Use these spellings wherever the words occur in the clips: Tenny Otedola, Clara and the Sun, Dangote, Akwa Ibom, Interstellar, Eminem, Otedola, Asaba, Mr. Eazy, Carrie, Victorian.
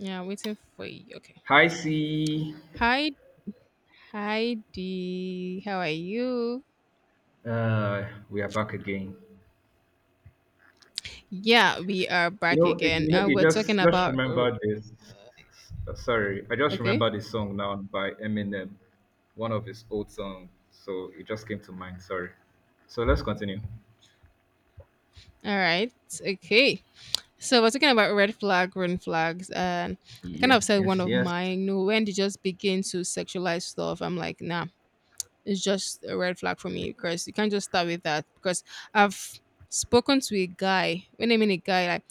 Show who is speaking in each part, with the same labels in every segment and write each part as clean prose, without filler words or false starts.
Speaker 1: Yeah, I'm waiting for you. Okay.
Speaker 2: Hi, C.
Speaker 1: Hi, Heidi. How are you?
Speaker 2: Uh, we are back again.
Speaker 1: Yeah, we are back again.
Speaker 2: You
Speaker 1: We're talking
Speaker 2: just just
Speaker 1: about. Oh,
Speaker 2: remembered this. Sorry, I just
Speaker 1: Okay.
Speaker 2: remembered this song now by Eminem, one of his old songs. So it just came to mind. Sorry. So let's continue.
Speaker 1: All right. Okay. So we're talking about red flag, green flags, and I kind of
Speaker 2: Yes,
Speaker 1: said one
Speaker 2: yes,
Speaker 1: of
Speaker 2: yes.
Speaker 1: mine. You know, when they just begin to sexualize stuff, I'm like, nah, it's just a red flag for me because you can't just start with that. Because I've spoken to a guy. When I mean a guy, like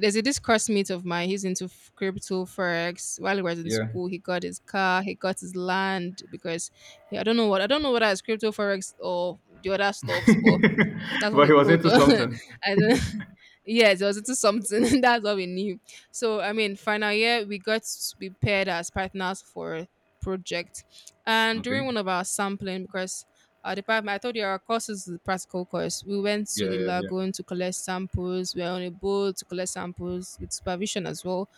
Speaker 1: there's a this classmate of mine. He's into crypto forex. While he was in
Speaker 2: Yeah.
Speaker 1: school, he got his car, he got his land because he, I don't know whether it's crypto forex or the other stuffs, but that's what
Speaker 2: But he
Speaker 1: he
Speaker 2: was
Speaker 1: told
Speaker 2: into
Speaker 1: us.
Speaker 2: something.
Speaker 1: I don't. Yes, it was into something. That's what we knew. So I mean, final year we got to be paired as partners for a project, and
Speaker 2: Okay.
Speaker 1: during one of our sampling because. Our department, I told you our course is the practical course. We went to
Speaker 2: Yeah,
Speaker 1: the
Speaker 2: yeah, yeah,
Speaker 1: lagoon to collect samples. We were on a boat to collect samples with supervision as well.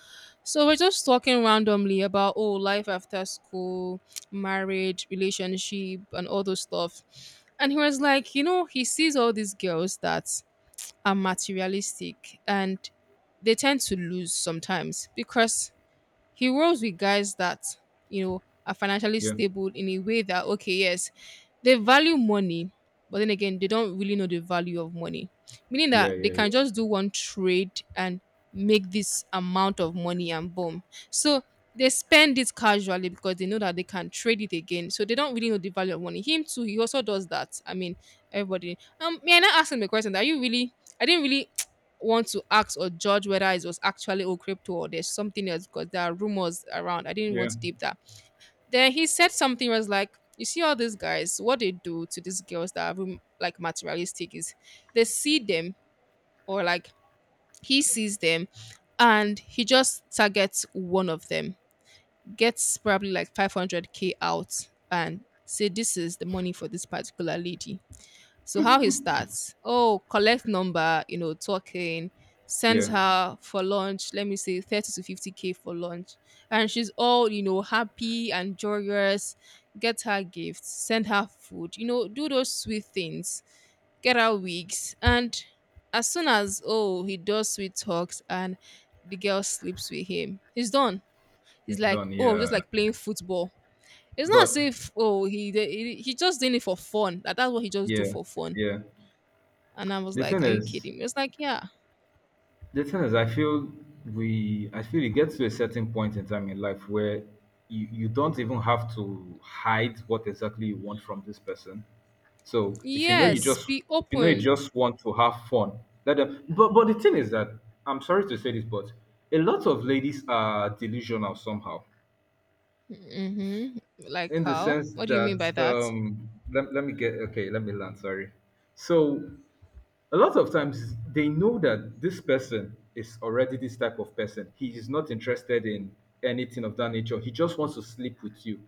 Speaker 1: So we're just talking randomly about oh life after school, marriage, relationship, and all those stuff. And he was like, you know, he sees all these girls that are materialistic and they tend to lose sometimes because he rolls with guys that, you know, are financially
Speaker 2: yeah,
Speaker 1: stable in a way that, okay, yes, they value money, but then again, they don't really know the value of money. Meaning
Speaker 2: yeah,
Speaker 1: that they
Speaker 2: yeah, yeah,
Speaker 1: can just do one trade and make this amount of money and boom. So they spend it casually because they know that they can trade it again. So they don't really know the value of money. Him too, he also does that. I mean, everybody. May I not ask him a question? Are you really? I didn't really want to ask or judge whether it was actually all crypto or there's something else because there are rumors around. I didn't want to deep that. Then he said something was like, you see all these guys, what they do to these girls that are like materialistic is they see them or like he sees them and he just targets one of them, gets probably like 500K out and say this is the money for this particular lady. So how he starts? Oh, collect number, you know, talking,
Speaker 2: yeah,
Speaker 1: sends
Speaker 2: yeah.
Speaker 1: her for lunch, let me say 30 to 50K for lunch. And she's all, you know, happy and joyous. Get her gifts, send her food, you know, do those sweet things, get her wigs. And as soon as oh, he does sweet talks and the girl sleeps with him, he's done. He's
Speaker 2: It's
Speaker 1: like,
Speaker 2: done.
Speaker 1: oh,
Speaker 2: Yeah,
Speaker 1: just like playing football. It's not as
Speaker 2: but
Speaker 1: if he just doing it for fun. That's what he just do
Speaker 2: yeah,
Speaker 1: for fun.
Speaker 2: yeah.
Speaker 1: And I was
Speaker 2: The
Speaker 1: like,
Speaker 2: thing
Speaker 1: are you
Speaker 2: is,
Speaker 1: kidding me? It's like, yeah,
Speaker 2: I feel I feel you get to a certain point in time in life where you don't even have to hide what exactly you want from this person. So if you know you
Speaker 1: yes,
Speaker 2: just,
Speaker 1: be
Speaker 2: If you know you
Speaker 1: open.
Speaker 2: just want to have fun, let them. But the thing is that I'm sorry to say this, but a lot of ladies are delusional somehow, if,
Speaker 1: Mm-hmm. Like,
Speaker 2: in the
Speaker 1: how?
Speaker 2: sense
Speaker 1: What do you mean
Speaker 2: that
Speaker 1: by that?
Speaker 2: let me get okay, let me land. Sorry. So a lot of times they know that this person is already this type of person. He is not interested in anything of that nature. He just wants to sleep with you.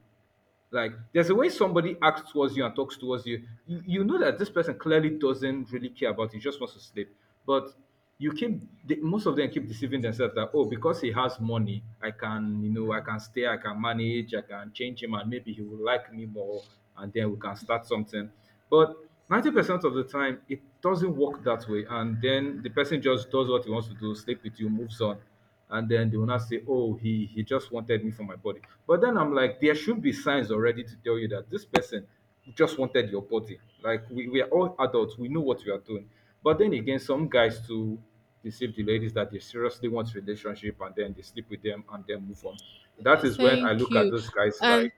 Speaker 2: Like there's a way somebody acts towards you and talks towards you. You know that this person clearly doesn't really care about you, just wants to sleep. But you keep the, most of them keep deceiving themselves that, oh, because he has money I can, you know, I can stay, I can manage, I can change him and maybe he will like me more and then we can start something. But 90% of the time it doesn't work that way, and then the person just does what he wants to do, sleep with you, moves on, and then they will not say, "Oh, he just wanted me for my body." But then I'm like, there should be signs already to tell you that this person just wanted your body. Like we are all adults, we know what we are doing. But then again, some guys to deceive the ladies that they seriously want relationship and then they sleep with them and then move on. That is when I
Speaker 1: Thank
Speaker 2: look at
Speaker 1: you.
Speaker 2: those guys like,
Speaker 1: And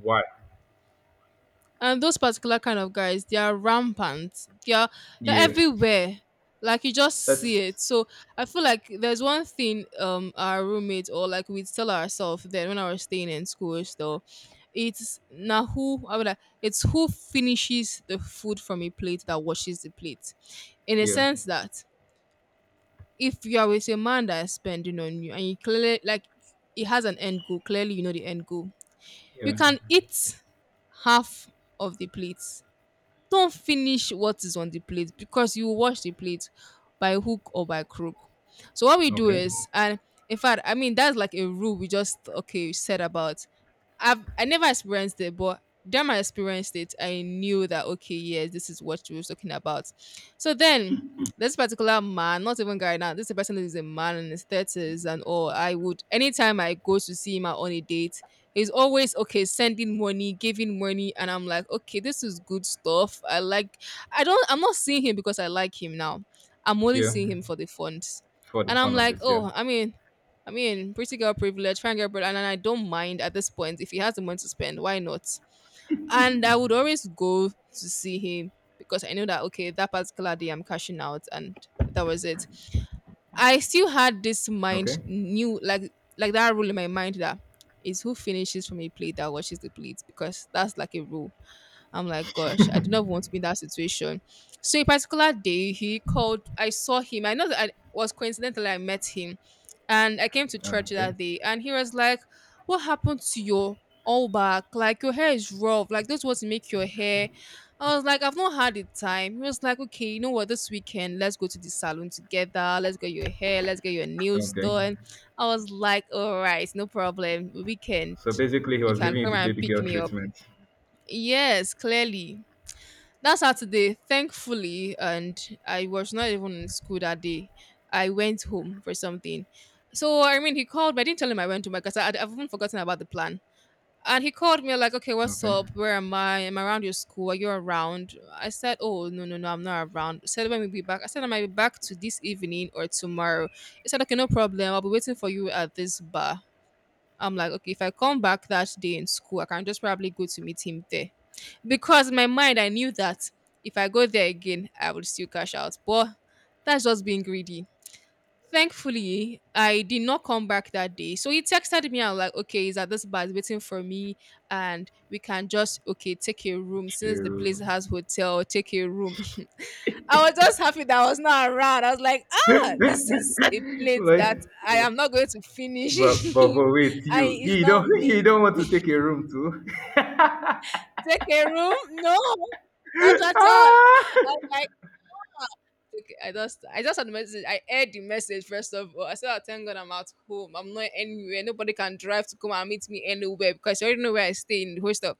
Speaker 2: why?
Speaker 1: and those particular kind of guys, they are rampant. They are they're
Speaker 2: Yes,
Speaker 1: everywhere. Like you just see
Speaker 2: that's
Speaker 1: it. So I feel like there's one thing our roommate or like we'd tell ourselves then when I was staying in school is though it's now who I would like, it's who finishes the food from a plate that washes the plate, in a
Speaker 2: yeah,
Speaker 1: sense that if you're with a man that is spending on you and you clearly like it has an end goal, clearly you know the end goal. You
Speaker 2: yeah,
Speaker 1: can eat half of the plate. Don't finish what is on the plate because you will wash the plate by hook or by crook. So what we do
Speaker 2: okay,
Speaker 1: is and in fact, I mean that's like a rule we just okay we said about. I never experienced it, but then I experienced it, I knew that okay, yes, this is what she was talking about. So then this particular man, not even guy now, this is a person who is a man in his thirties and all. I would anytime I go to see him out on a date, he's always okay, sending money, giving money, and I'm like, okay, this is good stuff. I'm not seeing him because I like him now. I'm only
Speaker 2: yeah,
Speaker 1: seeing him for the funds.
Speaker 2: for the
Speaker 1: And I'm
Speaker 2: fun of
Speaker 1: like,
Speaker 2: it, yeah,
Speaker 1: oh, I mean, pretty girl privilege, fine girl privilege, and I don't mind at this point. If he has the money to spend, why not? And I would always go to see him because I know that okay, that particular day I'm cashing out, and that was it. I still had this mind
Speaker 2: okay,
Speaker 1: new like that rule in my mind that is who finishes from a plate that washes the plate because that's like a rule. I'm like, gosh, I do not want to be in that situation. So a particular day, he called. I saw him. I know that I was coincidentally I met him, and I came to church
Speaker 2: okay,
Speaker 1: that day, and he was like, "What happened to your all back? Like your hair is rough. Like this was make your hair." I was like, I've not had the time. He was like, okay, you know what? This weekend, let's go to the salon together. Let's get your hair. Let's get your nails
Speaker 2: okay.
Speaker 1: done. I was like, all right, no problem. Weekend,
Speaker 2: So basically, he
Speaker 1: you
Speaker 2: was
Speaker 1: can
Speaker 2: giving you
Speaker 1: come
Speaker 2: the
Speaker 1: and
Speaker 2: baby
Speaker 1: pick
Speaker 2: girl
Speaker 1: me up.
Speaker 2: treatment.
Speaker 1: Yes, clearly that Saturday, thankfully, and I was not even in school that day. I went home for something. So I mean, he called me. I didn't tell him I went home because I've even forgotten about the plan. And he called me like, "Okay, what's
Speaker 2: Okay.
Speaker 1: up? Where am I? Am I around your school? Are you around?" I said, "Oh, no, I'm not around." He said, "When will you be back?" I said, "I might be back to this evening or tomorrow." He said, "Okay, no problem. I'll be waiting for you at this bar." I'm like, "Okay, if I come back that day in school, I can just probably go to meet him there." Because in my mind I knew that if I go there again, I would still cash out. But that's just being greedy. Thankfully, I did not come back that day. So he texted me. I was like, okay, he's at this bar, he's waiting for me, and we can just okay take a room since the
Speaker 2: True.
Speaker 1: place has hotel. Take a room. I was just happy that I was not around. I was like, ah,
Speaker 2: Like,
Speaker 1: this is a plate
Speaker 2: but,
Speaker 1: that I am not going to finish.
Speaker 2: but wait,
Speaker 1: I
Speaker 2: you
Speaker 1: it's
Speaker 2: you don't
Speaker 1: not
Speaker 2: you
Speaker 1: me.
Speaker 2: don't want to take a room too?
Speaker 1: Take a room? No, not at all. I
Speaker 2: Ah!
Speaker 1: was like, okay, I just had the message. I heard the message first of all. I said, oh, thank God I'm at home. I'm not anywhere. Nobody can drive to come and meet me anywhere because you already know where I stay in the hostel.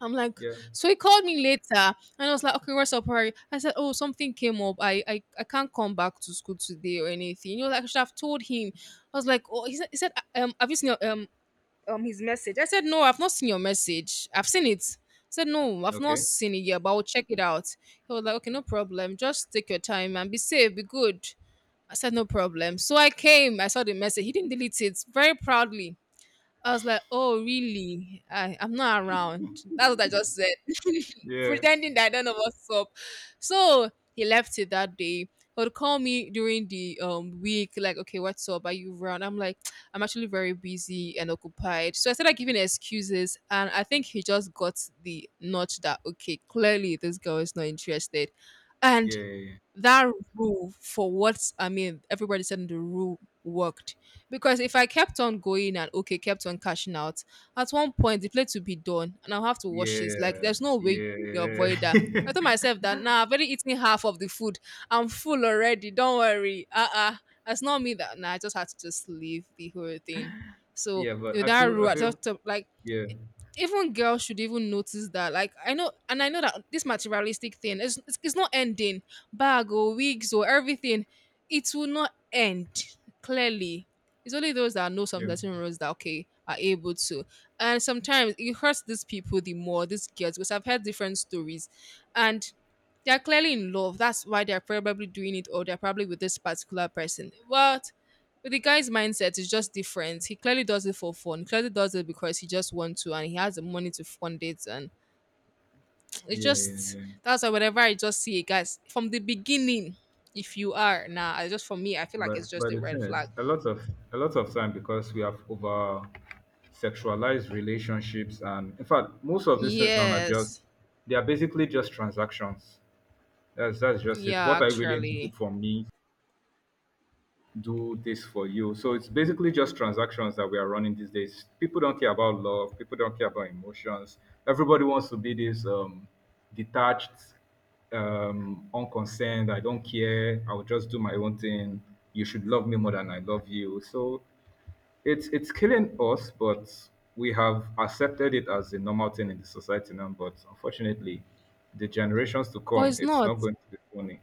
Speaker 1: I'm like,
Speaker 2: Yeah.
Speaker 1: so he called me later and I was like, okay, what's up, Harry? I said, oh, something came up. I can't come back to school today or anything. You know, like I should have told him. I was like, oh, he said have you seen your his message. I said, no, I've not seen your message. I've seen it. I said, no, I've not
Speaker 2: Okay.
Speaker 1: seen it yet, but I'll check it out. He was like, okay, no problem. Just take your time and be safe, be good. I said, no problem. So I came, I saw the message. He didn't delete it very proudly. I was like, oh, really? I'm not around. That's what I just said,
Speaker 2: Yeah.
Speaker 1: pretending that I don't know what's up. So he left it that day. He would call me during the week, like, okay, what's up? Are you around? I'm like, I'm actually very busy and occupied. So I started giving excuses, and I think he just got the notch that, okay, clearly this girl is not interested. And
Speaker 2: Yeah.
Speaker 1: that rule for what I mean, everybody said the rule worked. Because if I kept on going and okay, kept on cashing out, at one point the plate will be done and I'll have to wash it. Like
Speaker 2: Yeah.
Speaker 1: there's no way
Speaker 2: Yeah.
Speaker 1: you will avoid that.
Speaker 2: Yeah.
Speaker 1: I told myself that now nah, I've already eaten half of the food. I'm full already. Don't worry. That's not me that nah, I just had to just leave the whole thing. So
Speaker 2: Yeah. But
Speaker 1: with
Speaker 2: I
Speaker 1: that
Speaker 2: feel
Speaker 1: rule,
Speaker 2: I
Speaker 1: I
Speaker 2: feel
Speaker 1: just like
Speaker 2: yeah,
Speaker 1: even girls should even notice that. Like I know, and I know that this materialistic thing is it's not ending. Bag or wigs or everything, it will not end. Clearly, it's only those that know some
Speaker 2: yeah,
Speaker 1: certain rules that okay are able to. And sometimes it hurts these people the more these girls because I've heard different stories, and they're clearly in love. That's why they're probably doing it or they're probably with this particular person. What? But the guy's mindset is just different. He clearly does it for fun. He clearly does it because he just wants to and he has the money to fund it. And it's
Speaker 2: yeah, yeah,
Speaker 1: just
Speaker 2: yeah.
Speaker 1: that's why whenever I just see it, guys, from the beginning, if you are nah, I just for me, I feel like
Speaker 2: But
Speaker 1: it's just
Speaker 2: but
Speaker 1: a
Speaker 2: the
Speaker 1: red
Speaker 2: thing
Speaker 1: flag.
Speaker 2: is, a lot of time because we have over sexualized relationships, and in fact, most of these things now are just
Speaker 1: Yes.
Speaker 2: they are basically just transactions. That's just it.
Speaker 1: Yeah,
Speaker 2: What are you willing to do
Speaker 1: actually.
Speaker 2: for me do this for you. So it's basically just transactions that we are running these days. People don't care about love. People don't care about emotions. Everybody wants to be this detached, unconcerned. I don't care. I will just do my own thing. You should love me more than I love you. So it's killing us, but we have accepted it as a normal thing in the society now. But unfortunately, the generations to
Speaker 1: But
Speaker 2: come,
Speaker 1: it's
Speaker 2: it's not
Speaker 1: not.
Speaker 2: going to be funny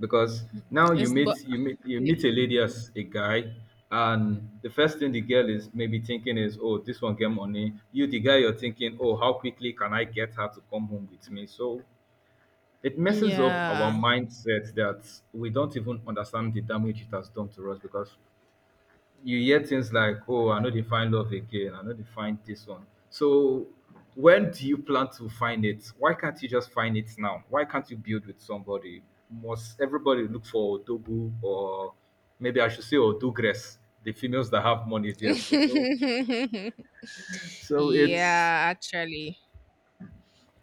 Speaker 2: because now you
Speaker 1: It's
Speaker 2: meet
Speaker 1: but
Speaker 2: you meet you
Speaker 1: yeah.
Speaker 2: meet a lady as a guy and the first thing the girl is maybe thinking is, oh, this one get money, you the guy you're thinking, oh, how quickly can I get her to come home with me. So it messes up our
Speaker 1: Yeah.
Speaker 2: mindset that we don't even understand the damage it has done to us because you hear things like, "Oh, I know they find love again. I know they find this one." So, when do you plan to find it? Why can't you just find it now? Why can't you build with somebody? Must everybody look for Odogu or maybe I should say Odugres, the females that have money there too? So, so it's
Speaker 1: yeah, actually.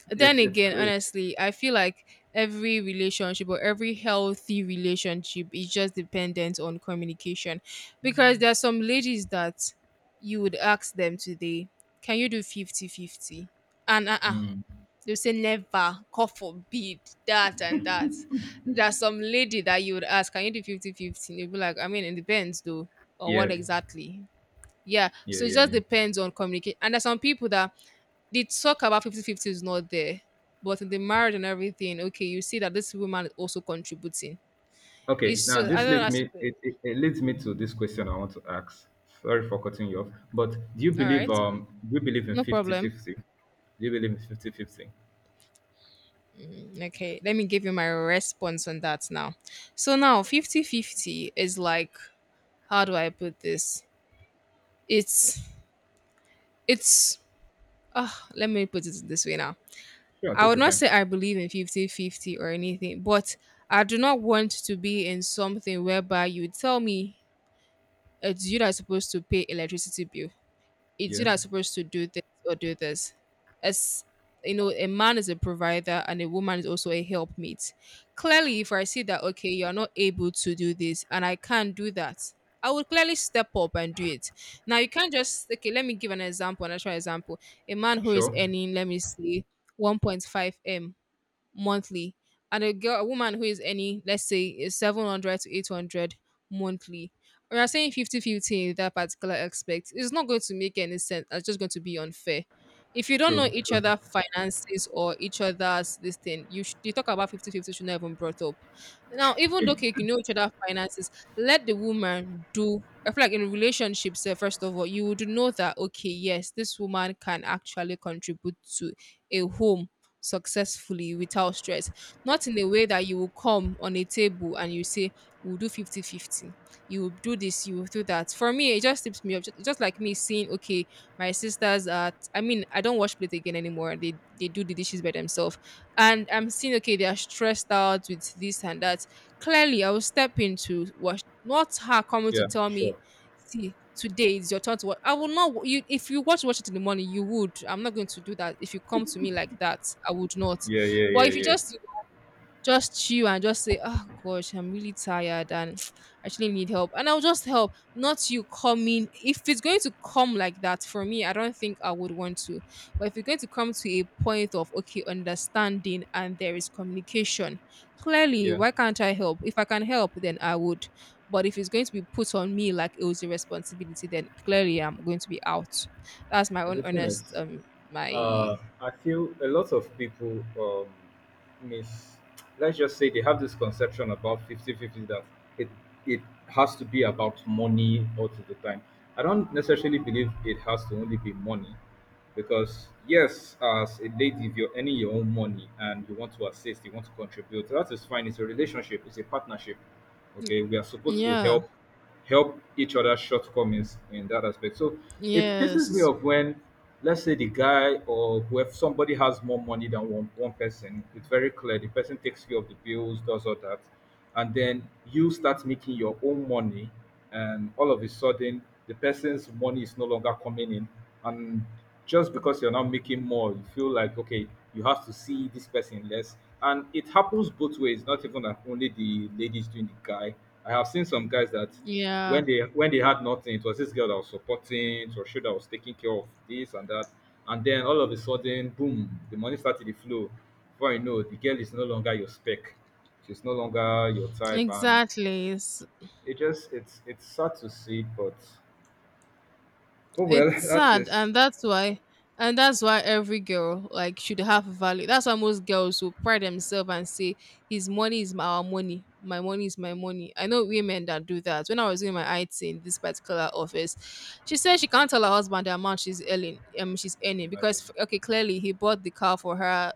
Speaker 1: Then
Speaker 2: it's it's
Speaker 1: again,
Speaker 2: great.
Speaker 1: honestly, I feel like every relationship or every healthy relationship is just dependent on communication, because there are some ladies that you would ask them today, can you do 50 50? 50. And uh-uh, they'll say never, god forbid, that and that. There's some lady that you would ask, can you do 50 50? 50. They'll be like, I mean, it depends though, on
Speaker 2: Yeah,
Speaker 1: what exactly. Yeah,
Speaker 2: yeah,
Speaker 1: so it
Speaker 2: yeah.
Speaker 1: just
Speaker 2: Yeah.
Speaker 1: depends on communication. And there's some people that the talk about 50 50 is not there, but in the marriage and everything, okay, you see that this woman is also contributing.
Speaker 2: Okay,
Speaker 1: It's
Speaker 2: now
Speaker 1: so I
Speaker 2: this
Speaker 1: don't know,
Speaker 2: leads
Speaker 1: I sup-
Speaker 2: me
Speaker 1: all
Speaker 2: it leads me to this question I want to ask. Sorry for cutting you off, but
Speaker 1: right,
Speaker 2: do you believe in
Speaker 1: no problem.
Speaker 2: fifty-fifty? Do you believe in fifty-fifty?
Speaker 1: Okay, let me give you my response on that now. So now 50 50 is like, how do I put this? It's it's uh, let me put it this way now.
Speaker 2: Sure,
Speaker 1: I
Speaker 2: take
Speaker 1: would
Speaker 2: your
Speaker 1: not
Speaker 2: time.
Speaker 1: say I believe in 50 50 or anything, but I do not want to be in something whereby you tell me, it's you that's supposed to pay electricity bill, it's
Speaker 2: Yeah.
Speaker 1: you that supposed to do this or do this. As you know, a man is a provider and a woman is also a helpmate. Clearly, if I see that okay, you're not able to do this and I can't do that, I would clearly step up and do it. Now you can't just okay, let me give an example, an actual example. A man who is
Speaker 2: Sure.
Speaker 1: earning, let me see, 1.5 M monthly, and a girl, a woman who is earning, let's say, is 700 to 800 monthly. We are saying 50 50 in that particular aspect. It's not going to make any sense. It's just going to be unfair. If you don't know
Speaker 2: True.
Speaker 1: each
Speaker 2: True.
Speaker 1: other finances or each other's this thing, you should you talk about 50 50 should not even brought up. Now, even though okay, you know each other finances, let the woman do I feel like in relationships, eh, first of all, you would know that okay, yes, this woman can actually contribute to a home successfully without stress. Not in a way that you will come on a table and you say, we'll do 50-50. You will do this, you will do that. For me, it just tips me up. Just like me seeing, okay, my sisters are, I mean, I don't wash plate again anymore. They do the dishes by themselves. And I'm seeing, okay, they are stressed out with this and that. Clearly, I will step in to watch, not her coming to
Speaker 2: Yeah,
Speaker 1: tell
Speaker 2: sure.
Speaker 1: me, see today is your turn to watch. I will not wa- you if you watch watch it in the morning you would I'm not going to do that. If you come to me like that, I would not.
Speaker 2: Yeah, yeah,
Speaker 1: But
Speaker 2: yeah,
Speaker 1: if you
Speaker 2: yeah.
Speaker 1: just chill and just say, "Oh gosh, I'm really tired and I actually need help." And I'll just help, not you coming. If it's going to come like that for me, I don't think I would want to. But if you're going to come to a point of okay, understanding and there is communication, clearly,
Speaker 2: Yeah.
Speaker 1: why can't I help? If I can help, then I would. But if it's going to be put on me like it was a responsibility, then clearly I'm going to be out. That's my
Speaker 2: And
Speaker 1: own
Speaker 2: the thing is,
Speaker 1: honest
Speaker 2: uh,
Speaker 1: my
Speaker 2: I feel a lot of people miss, let's just say they have this conception about fifty-fifty that it, it has to be about money all to the time. I don't necessarily believe it has to only be money because yes, as a lady, if you're earning your own money and you want to assist, you want to contribute, that is fine. It's a relationship, it's a partnership. Okay, we are supposed to
Speaker 1: yeah.
Speaker 2: help help each other's shortcomings in that aspect. So it pisses me
Speaker 1: Yes.
Speaker 2: off when, let's say, the guy or whoever, somebody has more money than one person, it's very clear the person takes care of the bills, does all that, and then you start making your own money, and all of a sudden the person's money is no longer coming in, and just because you're now making more, you feel like, okay, you have to see this person less. And it happens both ways, not even that only the ladies doing the guy. I have seen some guys that
Speaker 1: Yeah.
Speaker 2: when they had nothing, it was this girl that was supporting, it was she that was taking care of this and that. And then all of a sudden boom, the money started to flow. Before you know, the girl is no longer your spec, she's no longer your type, and
Speaker 1: Exactly.
Speaker 2: it just it's sad to see, but oh well,
Speaker 1: It's
Speaker 2: that
Speaker 1: sad
Speaker 2: is
Speaker 1: and that's why every girl like should have value. That's why most girls will pride themselves and say his money is my our money. My money is my money. I know women that do that. When I was doing my IT in this particular office, she said she can't tell her husband the amount she's earning
Speaker 2: imagine.
Speaker 1: because okay, clearly he bought the car for her,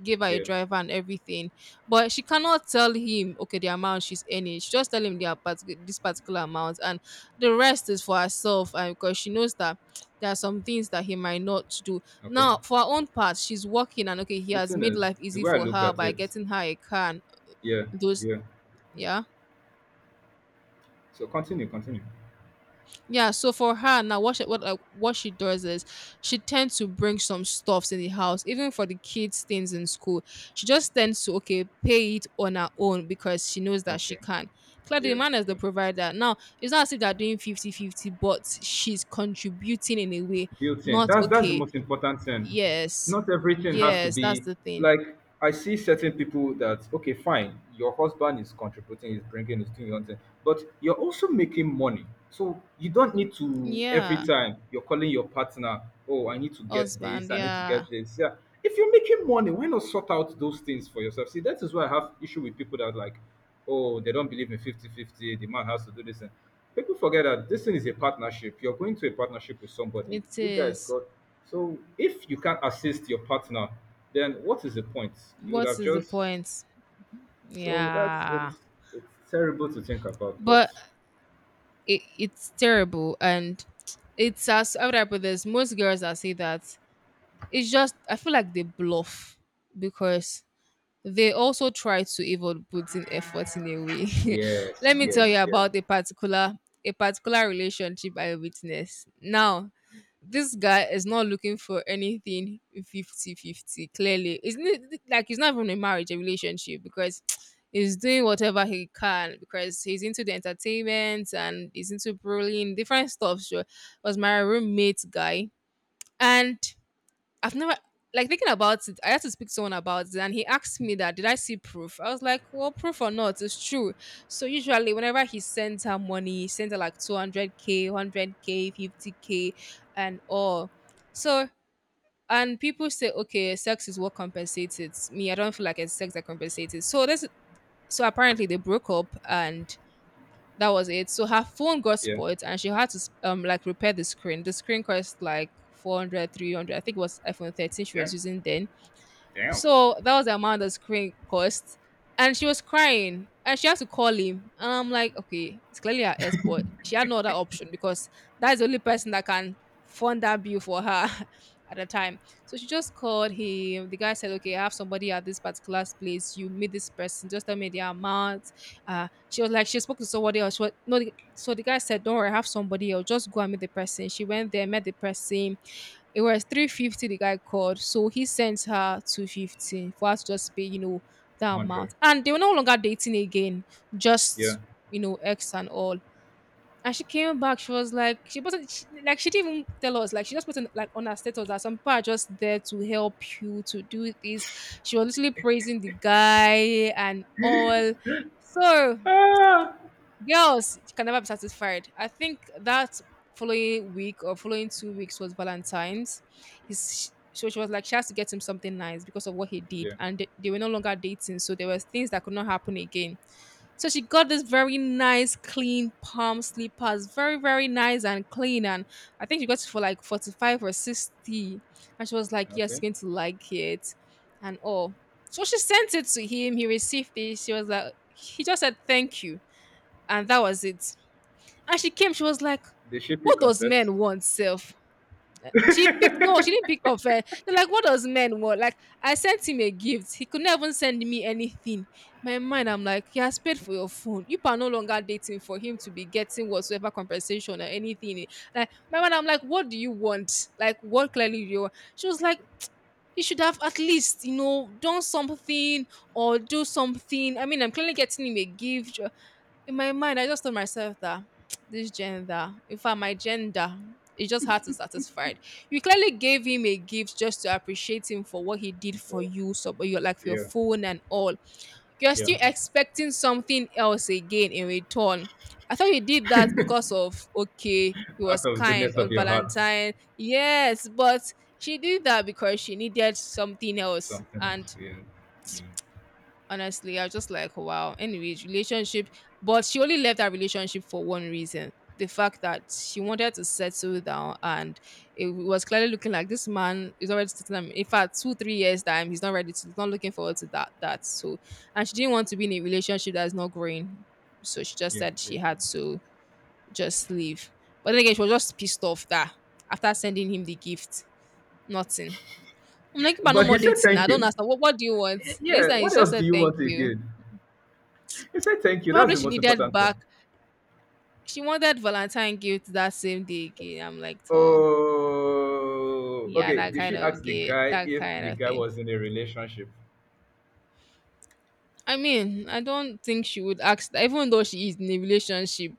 Speaker 1: gave her a
Speaker 2: Yeah.
Speaker 1: driver and everything, but she cannot tell him okay the amount she's earning, she just tell him the, part- this particular amount. And the rest is for herself. And because she knows that there are some things that he might not do
Speaker 2: Okay.
Speaker 1: now, for her own part, she's working. And okay, he
Speaker 2: The
Speaker 1: has
Speaker 2: thing
Speaker 1: made
Speaker 2: is,
Speaker 1: life
Speaker 2: the
Speaker 1: easy
Speaker 2: way I
Speaker 1: for
Speaker 2: look
Speaker 1: her
Speaker 2: at
Speaker 1: by
Speaker 2: it,
Speaker 1: getting her a car and
Speaker 2: yeah,
Speaker 1: those
Speaker 2: yeah.
Speaker 1: yeah
Speaker 2: So continue, continue.
Speaker 1: yeah. So for her now, what she does is she tends to bring some stuffs in the house, even for the kids things in school, she just tends to okay pay it on her own because she knows that she
Speaker 2: Okay.
Speaker 1: can, clearly the
Speaker 2: Yeah,
Speaker 1: man is
Speaker 2: yeah.
Speaker 1: the provider. Now it's not as if they're doing 50-50, but she's contributing in a way,
Speaker 2: Built-in.
Speaker 1: not
Speaker 2: That's the
Speaker 1: okay.
Speaker 2: most important thing.
Speaker 1: Yes.
Speaker 2: Not everything has to
Speaker 1: Yes, that's
Speaker 2: be
Speaker 1: the thing.
Speaker 2: like, I see certain people that, okay, fine, your husband is contributing, he's bringing, he's doing your own thing, but you're also making money. So you don't need to every
Speaker 1: Yeah.
Speaker 2: time you're calling your partner, oh, I need to get this,
Speaker 1: Husband,
Speaker 2: I need to
Speaker 1: yeah.
Speaker 2: get this. Yeah. If you're making money, why not sort out those things for yourself? See, that is why I have issue with people that are like, oh, they don't believe in fifty-fifty. The man has to do this thing. People forget that this thing is a partnership. You're going to a partnership with somebody.
Speaker 1: It
Speaker 2: You guys
Speaker 1: is.
Speaker 2: got, so if you can't assist your partner, then what is the point? You would
Speaker 1: What
Speaker 2: have
Speaker 1: is the
Speaker 2: just
Speaker 1: point?
Speaker 2: so that's
Speaker 1: Yeah.
Speaker 2: it's terrible to think about, but
Speaker 1: But it's terrible. And it's as how would I put this? Most girls that say that, it's just I feel like they bluff, because they also try to even put in effort in a way.
Speaker 2: yes,
Speaker 1: Let me tell
Speaker 2: yes,
Speaker 1: you
Speaker 2: yes,
Speaker 1: about a particular relationship I witnessed. Now, this guy is not looking for anything 50-50. Clearly it's n- like he's not even in marriage a relationship because he's doing whatever he can because he's into the entertainment and he's into brawling different stuff, sure, was my roommate guy. And I've never like thinking about it. I had to speak to someone about it, and he asked me that did I see proof? I was like, well, proof or not, it's true. So usually, whenever he sends her money, he sends her like 200K, 100K, 50K, and all. So and people say, okay, sex is what compensates it. Me, I don't feel like it's sex that compensates it. So this, so apparently they broke up and. That was it. So her phone got
Speaker 2: yeah,
Speaker 1: spoiled and she had to like repair the screen. The screen cost like 400, 300. I think it was iPhone 13 she
Speaker 2: yeah,
Speaker 1: was using then.
Speaker 2: damn,
Speaker 1: So that was the amount the screen cost. And she was crying and she had to call him. And I'm like, okay, it's clearly her ex, but she had no other option because that's the only person that can fund that bill for her at the time. So she just called him. The guy said, okay, I have somebody at this particular place. You meet this person. Just tell me the amount. She was like, she spoke to somebody else. She was, no, the- so the guy said, don't worry, I have somebody else. Just go and meet the person. She went there, met the person, it was 350 the guy called. So he sent her 250 for us to just pay, you know, that
Speaker 2: hundred,
Speaker 1: amount. And they were no longer dating again,
Speaker 2: yeah,
Speaker 1: just, you know, ex and all. And she came back, she was like, she wasn't, she, like, she didn't even tell us, like, she just put in, like, on her status that some people are just there to help you to do this. She was literally praising the guy and all. So
Speaker 2: ah,
Speaker 1: girls can never be satisfied. I think that following week or following 2 weeks was Valentine's. His so she was like she has to get him something nice because of what he
Speaker 2: yeah,
Speaker 1: did, and they were no longer dating, so there were things that could not happen again. So she got this very nice, clean palm slippers, very very nice and clean, and I think she got it for like 45 or 60, and she was like, "Yes,
Speaker 2: okay.
Speaker 1: you're going to like it," and all. So she sent it to him. He received it. She was like, he just said thank you and that was it. And she came, she was like,
Speaker 2: They should be
Speaker 1: "What does
Speaker 2: confessed
Speaker 1: men want, self?" She picked no, she didn't pick up. They're like, "What does men want?" Like I sent him a gift, he could not even send me anything. My mind, I'm like, he has paid for your phone. You are no longer dating for him to be getting whatsoever compensation or anything. Like my mind, I'm like, "What do you want? Like what clearly do you want?" She was like, he should have at least done something or do something. I mean, I'm clearly getting him a gift. In my mind I just told myself that this gender, in fact my gender, it just had to satisfy it. You clearly gave him a gift just to appreciate him for what he did for
Speaker 2: for
Speaker 1: you, so but you're like for your
Speaker 2: yeah,
Speaker 1: phone and all you're
Speaker 2: yeah,
Speaker 1: still expecting something else again in return. I thought you did that because of, okay, it
Speaker 2: out
Speaker 1: was
Speaker 2: of the
Speaker 1: kind
Speaker 2: goodness of
Speaker 1: on
Speaker 2: your heart,
Speaker 1: Valentine. Yes, but she did that because she needed something else.
Speaker 2: something else,
Speaker 1: And
Speaker 2: yeah, yeah,
Speaker 1: honestly I was just like wow, anyways, relationship. But she only left that relationship for one reason: the fact that she wanted to settle down, and it was clearly looking like this man is already settling down. In fact, 2 3 years time he's not ready to, he's not looking forward to that, so and she didn't want to be in a relationship that's not growing, so she just
Speaker 2: yeah.
Speaker 1: said
Speaker 2: Yeah.
Speaker 1: she
Speaker 2: Yeah.
Speaker 1: had to just leave. But then again she was just pissed off that after sending him the gift, nothing. I'm like, but no
Speaker 2: But he
Speaker 1: more
Speaker 2: said
Speaker 1: dating.
Speaker 2: thank
Speaker 1: I don't
Speaker 2: you.
Speaker 1: understand what do you want, yes,
Speaker 2: Yeah,
Speaker 1: and he
Speaker 2: what
Speaker 1: just
Speaker 2: else do
Speaker 1: said
Speaker 2: you
Speaker 1: thank
Speaker 2: want
Speaker 1: you.
Speaker 2: again? He said thank you. That's
Speaker 1: Probably
Speaker 2: the
Speaker 1: she
Speaker 2: most
Speaker 1: needed
Speaker 2: important thing.
Speaker 1: back. She wanted Valentine gift that same day again. I'm like, oh,
Speaker 2: Oh,
Speaker 1: yeah,
Speaker 2: okay.
Speaker 1: that
Speaker 2: Did
Speaker 1: kind
Speaker 2: she ask
Speaker 1: of
Speaker 2: the
Speaker 1: gift,
Speaker 2: guy
Speaker 1: that
Speaker 2: if
Speaker 1: kind
Speaker 2: the
Speaker 1: of
Speaker 2: guy
Speaker 1: thing.
Speaker 2: was in a relationship?
Speaker 1: I mean, I don't think she would ask that. Even though she is in a relationship,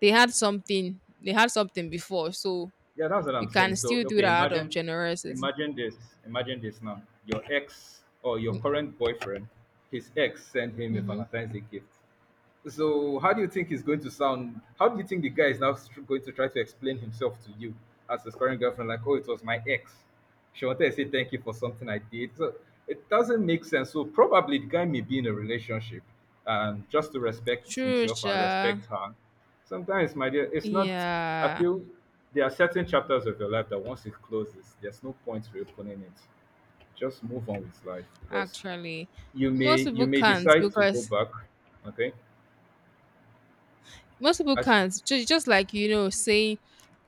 Speaker 1: they had something. They had something before, so
Speaker 2: Yeah, that's what
Speaker 1: you
Speaker 2: I'm saying.
Speaker 1: can
Speaker 2: So,
Speaker 1: still do that
Speaker 2: okay,
Speaker 1: out of
Speaker 2: imagine,
Speaker 1: generosity.
Speaker 2: imagine this. Imagine this now. Your ex or your current boyfriend, his ex sent him a
Speaker 1: Mm-hmm.
Speaker 2: Valentine's Day gift. So, how do you think he's going to sound? How do you think the guy is now going to try to explain himself to you as his current girlfriend? Like, oh, it was my ex. She wanted to say thank you for something I did. So, it doesn't make sense. So, probably the guy may be in a relationship and just to respect
Speaker 1: True,
Speaker 2: himself and
Speaker 1: sure.
Speaker 2: respect her. Sometimes, my dear, it's not, I
Speaker 1: Yeah,
Speaker 2: feel there are certain chapters of your life that once it closes, there's no point reopening it. Just move on with life because
Speaker 1: actually, most
Speaker 2: you
Speaker 1: people
Speaker 2: may
Speaker 1: can't,
Speaker 2: decide to go
Speaker 1: because
Speaker 2: back, okay,
Speaker 1: most people
Speaker 2: as
Speaker 1: can't. Just like, saying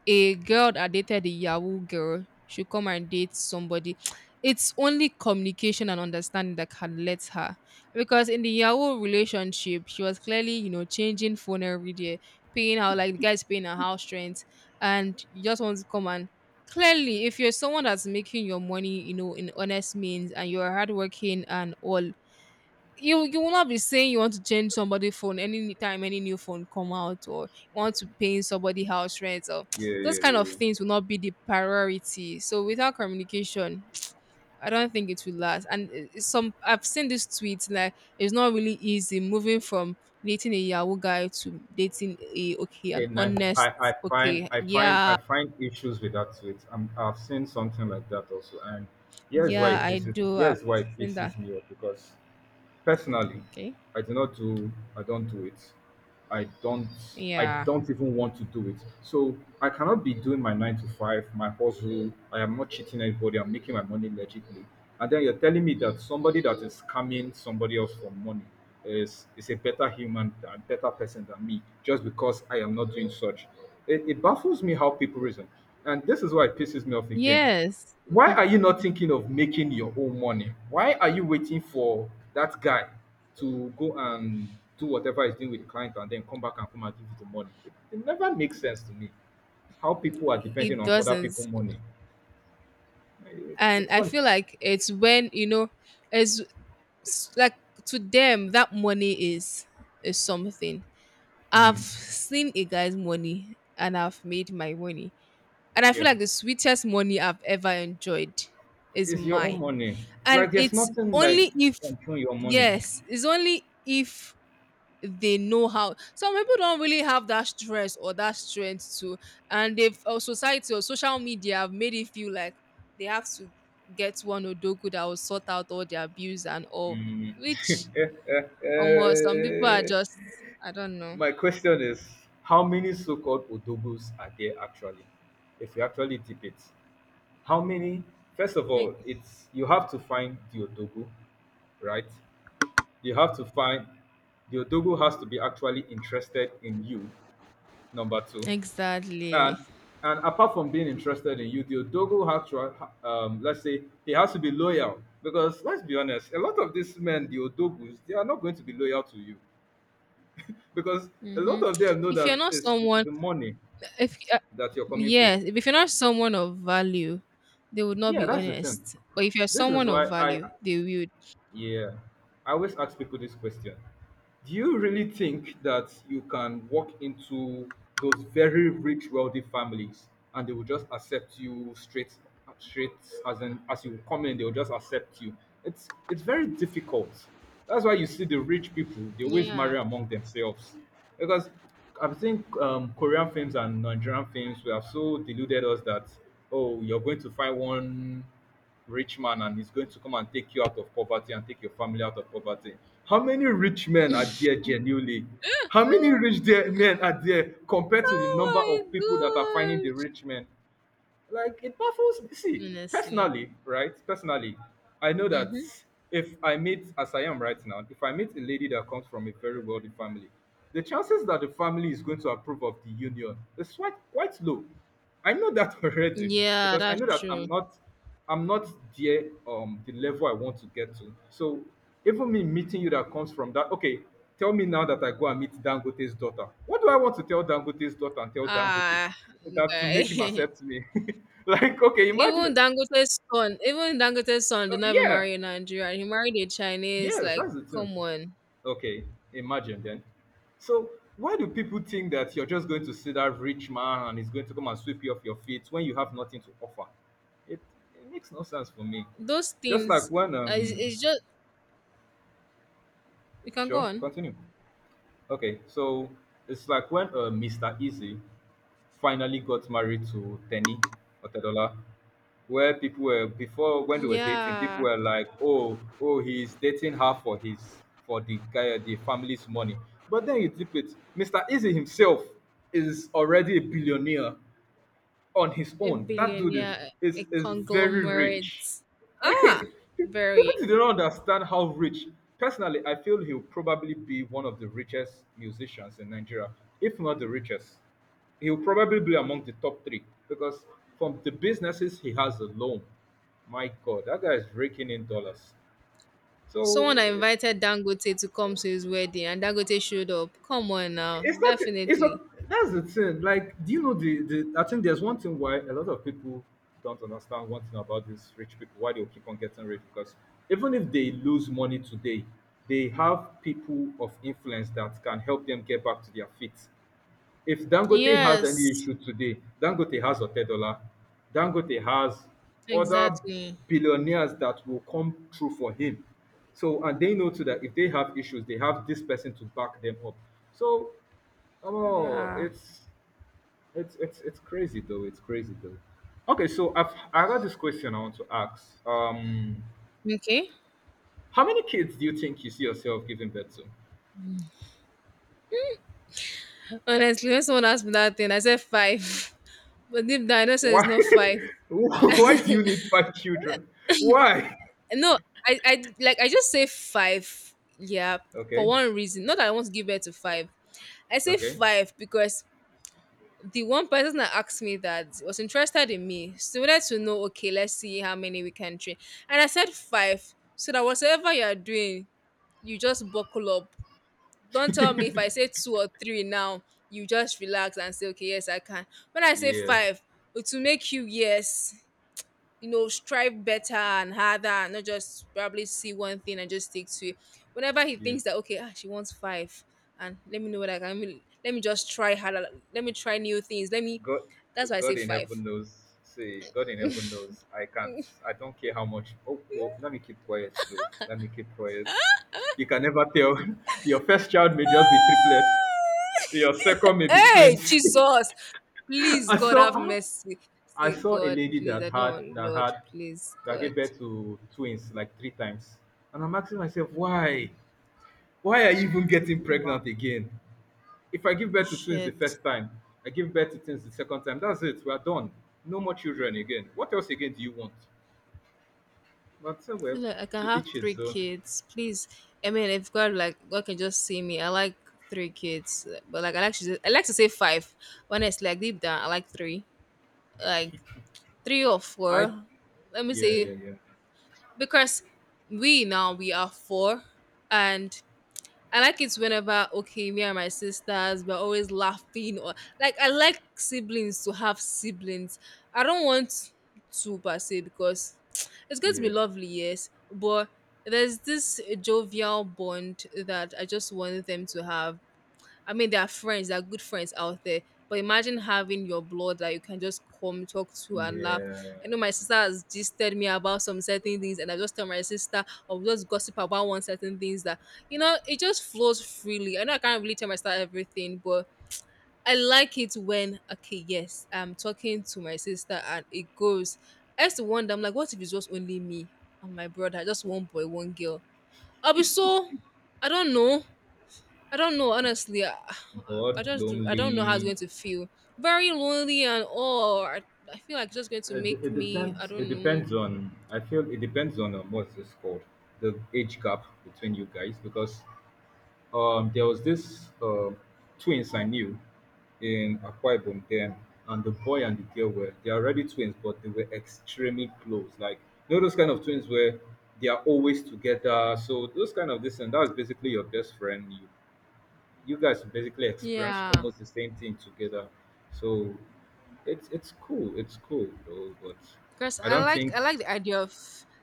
Speaker 1: a girl that dated a Yahoo girl should come and date somebody. It's only communication and understanding that can let her. Because in the Yahoo relationship, she was clearly, changing phone every day, paying out like the guy's paying her house rent, and you just want to come and clearly if you're someone that's making your money, in honest means and you're hardworking and all, you will not be saying you want to change somebody phone anytime any new phone come out, or you want to pay somebody house rent, or
Speaker 2: yeah,
Speaker 1: those
Speaker 2: yeah,
Speaker 1: kind
Speaker 2: yeah.
Speaker 1: of
Speaker 2: Yeah.
Speaker 1: things will not be the priority. So without communication I don't think it will last. And I- some I've seen this tweet like it's not really easy moving from dating a Yahoo guy to dating a, okay, an
Speaker 2: And
Speaker 1: honest.
Speaker 2: I find,
Speaker 1: Okay, yeah.
Speaker 2: I find issues with that too. It's, am, I've seen something like that also, and
Speaker 1: Yeah, I do, I've
Speaker 2: here's why it
Speaker 1: seen that.
Speaker 2: pisses me off because personally,
Speaker 1: Okay,
Speaker 2: I do not do I don't do it. I don't I
Speaker 1: yeah.
Speaker 2: don't even want to do it. So I cannot be doing my 9 to 5, my hustle. I am not cheating anybody, I'm making my money legitly. And then you're telling me that somebody that is scamming somebody else for money is a better human and better person than me just because I am not doing such. It baffles me how people reason. And this is why it pisses me off again.
Speaker 1: Yes,
Speaker 2: Why are you not thinking of making your own money? Why are you waiting for that guy to go and do whatever he's doing with the client and then come back and come and give you the money? It never makes sense to me how people are depending
Speaker 1: it
Speaker 2: on other
Speaker 1: doesn't.
Speaker 2: people' money. It's,
Speaker 1: And
Speaker 2: it's
Speaker 1: I
Speaker 2: funny.
Speaker 1: feel like it's when it's like to them that money is something. I've
Speaker 2: Hmm.
Speaker 1: seen a guy's money and I've made my money, and I
Speaker 2: Yeah.
Speaker 1: feel like the sweetest money I've ever enjoyed is
Speaker 2: It's your own
Speaker 1: mine.
Speaker 2: money.
Speaker 1: And
Speaker 2: Like, there's
Speaker 1: it's
Speaker 2: nothing like
Speaker 1: only if,
Speaker 2: control your money.
Speaker 1: yes, it's only if they know how. Some people don't really have that stress or that strength to, and they've or society or social media have made it feel like they have to get one odogu that will sort out all their bills and all,
Speaker 2: Mm.
Speaker 1: which almost some people are just, I don't know.
Speaker 2: My question is how many so called odogos are there actually? If you actually tip it, how many? First of all,
Speaker 1: E-
Speaker 2: it's you have to find the Odogo, right? You have to find the Odogo has to be actually interested in you, number two. And
Speaker 1: exactly.
Speaker 2: and apart from being interested in you, the Odogo actually, let's say, he has to be loyal. Because let's be honest, a lot of these men, the Odogus, they are not going to be loyal to you. Because a lot
Speaker 1: Mm-hmm.
Speaker 2: of them know
Speaker 1: If you're
Speaker 2: that
Speaker 1: not
Speaker 2: it's
Speaker 1: someone,
Speaker 2: the money
Speaker 1: if
Speaker 2: that you're coming for.
Speaker 1: yes, if you're not someone of value they would not
Speaker 2: Yeah,
Speaker 1: be
Speaker 2: that's the thing.
Speaker 1: honest, but if you're
Speaker 2: This is
Speaker 1: someone of
Speaker 2: why I,
Speaker 1: value they will.
Speaker 2: yeah, I always ask people this question. Do you really think that you can walk into those very rich, wealthy families and they will just accept you straight, straight as in, as you come in, they will just accept you? It's very difficult. That's why you see the rich people; they always
Speaker 1: Yeah.
Speaker 2: marry among themselves, because I think, Korean films and Nigerian films we have so deluded us that, oh, you're going to find one rich man and he's going to come and take you out of poverty and take your family out of poverty. How many rich men are there genuinely? How many rich there men are there compared to the number of people that are
Speaker 1: Oh
Speaker 2: finding
Speaker 1: my
Speaker 2: the
Speaker 1: gosh.
Speaker 2: rich men? Like, it baffles me. See,
Speaker 1: Honestly.
Speaker 2: personally, right? Personally, I know that
Speaker 1: Mm-hmm.
Speaker 2: if I meet, as I am right now, if I meet a lady that comes from a very wealthy family, the chances that the family is going to approve of the union is quite low. I know that already,
Speaker 1: Yeah,
Speaker 2: because I know
Speaker 1: that's
Speaker 2: that I'm
Speaker 1: true.
Speaker 2: not I'm not there, the level I want to get to. So even me meeting you that comes from that, okay, tell me now that I go and meet Dangote's daughter. What do I want to tell Dangote's daughter and tell Dangote?
Speaker 1: Ah,
Speaker 2: That, to
Speaker 1: guy.
Speaker 2: make him accept me. Like, okay,
Speaker 1: Even
Speaker 2: imagine.
Speaker 1: Dangote's son did not even
Speaker 2: Yeah,
Speaker 1: marry a Nigerian. He married a Chinese.
Speaker 2: yes,
Speaker 1: Like,
Speaker 2: that's the thing.
Speaker 1: come on.
Speaker 2: Okay, imagine then. So why do people think that you're just going to see that rich man and he's going to come and sweep you off your feet when you have nothing to offer? It, it makes no sense for me.
Speaker 1: Those
Speaker 2: Just like
Speaker 1: things,
Speaker 2: when.
Speaker 1: it's, it's just, you can
Speaker 2: Sure,
Speaker 1: go on.
Speaker 2: continue. Okay, so it's like when Mr. Easy finally got married to Tenny Otedola, where people were before when they were dating, people
Speaker 1: Yeah,
Speaker 2: were like, "Oh, oh, he's dating her for his for the guy the family's money." But then you dip it, Mr. Easy himself is already a billionaire on his
Speaker 1: a
Speaker 2: own. That
Speaker 1: billion.
Speaker 2: dude is
Speaker 1: Yeah, a
Speaker 2: very
Speaker 1: conglomerate.
Speaker 2: rich. Like,
Speaker 1: Ah,
Speaker 2: people
Speaker 1: very.
Speaker 2: do not understand how rich. Personally, I feel he'll probably be one of the richest musicians in Nigeria, if not the richest. He'll probably be among the top three because from the businesses he has alone, my God, that guy is raking in dollars. So
Speaker 1: Someone that
Speaker 2: it's
Speaker 1: invited Dangote to come to his wedding and Dangote showed up. Come on now,
Speaker 2: it's not, it's a,
Speaker 1: definitely.
Speaker 2: that's the thing. Like, do you know, the I think there's one thing why a lot of people don't understand one thing about these rich people, why they keep on getting rich, because even if they lose money today, they have people of influence that can help them get back to their feet. If Dangote has any
Speaker 1: Yes,
Speaker 2: issue today, Dangote has Otedola, Dangote has other
Speaker 1: exactly.
Speaker 2: billionaires that will come through for him. So, and they know too that if they have issues, they have this person to back them up. So, oh,
Speaker 1: Yeah.
Speaker 2: it's it's crazy though. It's crazy though. Okay, so I got this question I want to ask.
Speaker 1: Okay.
Speaker 2: How many kids do you think you see yourself giving birth to?
Speaker 1: Honestly, when someone asked me that thing, I said five. But deep down, I know say it's
Speaker 2: Why?
Speaker 1: not five.
Speaker 2: Why do you need five children? Why?
Speaker 1: No, I like I just say five. Yeah, for
Speaker 2: Okay,
Speaker 1: one reason. Not that I want to give birth to five. I say
Speaker 2: okay,
Speaker 1: five because the one person that asked me that was interested in me, so wanted to know, okay, let's see how many we can train. And I said five. So that whatever you are doing, you just buckle up. Don't tell me if I say two or three now, you just relax and say, okay, yes, I can. When I say
Speaker 2: yeah,
Speaker 1: five, it will make you, yes, strive better and harder, and not just probably see one thing and just stick to it. Whenever he
Speaker 2: yeah.
Speaker 1: thinks that, okay, she wants five, and let me know what I can, let me just try harder. Let me try new things. Let me,
Speaker 2: God,
Speaker 1: that's why I
Speaker 2: God
Speaker 1: say
Speaker 2: in
Speaker 1: five.
Speaker 2: heaven knows. See, God in heaven knows. I can't. I don't care how much. Oh, well, let me keep quiet though. Let me keep quiet. You can never tell. Your first child may just be triplet. Your second may be
Speaker 1: Hey,
Speaker 2: twins.
Speaker 1: Jesus, please,
Speaker 2: I
Speaker 1: God, have
Speaker 2: saw
Speaker 1: mercy.
Speaker 2: I
Speaker 1: Say,
Speaker 2: saw a
Speaker 1: God,
Speaker 2: lady
Speaker 1: please,
Speaker 2: that
Speaker 1: I don't
Speaker 2: had
Speaker 1: want, Lord, please,
Speaker 2: that gave
Speaker 1: God.
Speaker 2: birth to twins like three times. And I'm asking myself, why? Why are you even getting
Speaker 1: Wow,
Speaker 2: pregnant again? If I give birth to twins the
Speaker 1: shit.
Speaker 2: first time, I give birth to twins the second time, that's it, we are done. No more children again. What else again do you want? But so, well,
Speaker 1: Feel like I can
Speaker 2: to
Speaker 1: have
Speaker 2: each his
Speaker 1: three
Speaker 2: own.
Speaker 1: kids, please. I mean, if God, like God can just see me, I like three kids, but like I like to say five. Honestly, like deep down, I like three or
Speaker 2: I,
Speaker 1: four. Let me
Speaker 2: yeah,
Speaker 1: say,
Speaker 2: yeah, yeah.
Speaker 1: because we now we are four, and I like it whenever, okay, me and my sisters we're always laughing, or like I like siblings to have siblings. I don't want to per se because it's going to be
Speaker 2: Yeah.
Speaker 1: lovely, yes, but there's this jovial bond that I just want them to have. I mean, there are friends, there are good friends out there. But imagine having your blood that you can just come talk to and laugh.
Speaker 2: Yeah.
Speaker 1: I know my sister has gisted me about some certain things, and I just tell my sister or just gossip about one certain things that it just flows freely. I know I can't really tell my sister everything, but I like it when, okay, yes, I'm talking to my sister and it goes. I used to wonder, I'm like, what if it's just only me and my brother, just one boy, one girl? I'll be so, I don't know. I don't know, honestly. I
Speaker 2: Bored,
Speaker 1: just I don't know how it's
Speaker 2: lonely.
Speaker 1: going to feel. Very lonely and all. I feel like it's just going to
Speaker 2: It,
Speaker 1: make
Speaker 2: it
Speaker 1: me. I
Speaker 2: depends. It
Speaker 1: don't know.
Speaker 2: depends on. I feel it depends on, what's this called, the age gap between you guys, because there was this twins I knew in Akwa Ibom then, and the boy and the girl were they are already twins, but they were extremely close. Like, you know those kind of twins where they are always together. So those kind of this, and that's basically your best friend. You guys basically experience
Speaker 1: Yeah,
Speaker 2: almost the same thing together. So it's cool. It's cool though, but
Speaker 1: because
Speaker 2: I don't think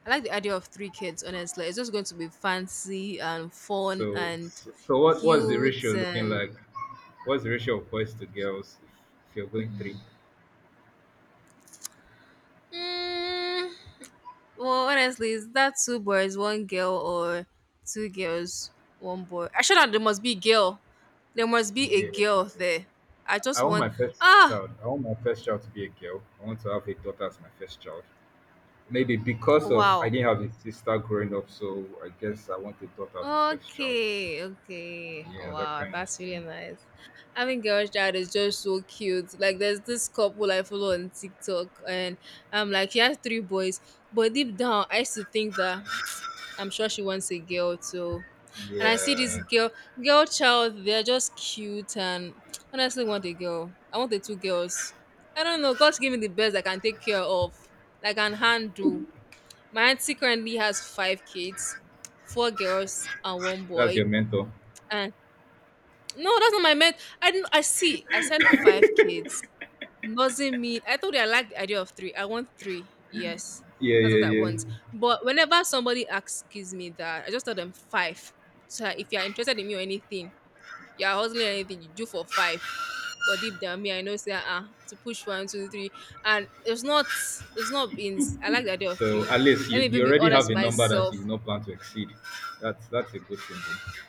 Speaker 1: I like the idea of three kids. Honestly, it's just going to be fancy and fun
Speaker 2: so.
Speaker 1: and
Speaker 2: So what's the ratio
Speaker 1: cute
Speaker 2: looking
Speaker 1: and.
Speaker 2: like? What's the ratio of boys to girls, if you're going three?
Speaker 1: Mm, well, honestly, is that two boys, one girl, or two girls, one boy? Actually, no, there must be girl. There must be a
Speaker 2: Yeah,
Speaker 1: girl there. I
Speaker 2: I
Speaker 1: just
Speaker 2: want
Speaker 1: want,
Speaker 2: my first
Speaker 1: ah
Speaker 2: child. I want my first child to be a girl. I want to have a daughter as my first child. Maybe because of I
Speaker 1: wow.
Speaker 2: didn't have a sister growing up, so I guess I want a daughter as my first child.
Speaker 1: Okay, okay.
Speaker 2: Yeah, that
Speaker 1: Wow,
Speaker 2: kind of
Speaker 1: that's really
Speaker 2: thing.
Speaker 1: nice. Having girls child is just so cute. Like there's this couple I follow on TikTok, and like she has three boys. But deep down I used to think that I'm sure she wants a girl too. And I see this
Speaker 2: Yeah,
Speaker 1: girl child, they're just cute and honestly want a girl. I want the two girls. I don't know, God's giving the best I can take care of, I can handle. My auntie currently has five kids, four girls and one
Speaker 2: that's your
Speaker 1: boy.
Speaker 2: mentor.
Speaker 1: And no, that's not my meant. I didn't. I see. I said five kids. Doesn't mean. I told you I like the idea of three. I want three. Yes,
Speaker 2: Yeah,
Speaker 1: that's what I
Speaker 2: yeah, yeah.
Speaker 1: want. But whenever somebody asks me that, I just tell them five. So that if you are interested in me or anything, you are hustling or anything, you do for five. But deep down, me, I know say, to push one, two, three, and it's not. It's not in. I like the idea of
Speaker 2: So
Speaker 1: three.
Speaker 2: at least
Speaker 1: Let me even
Speaker 2: you
Speaker 1: be
Speaker 2: already
Speaker 1: honest
Speaker 2: have
Speaker 1: with
Speaker 2: a number that you
Speaker 1: myself.
Speaker 2: not plan to exceed. That's a good thing, though.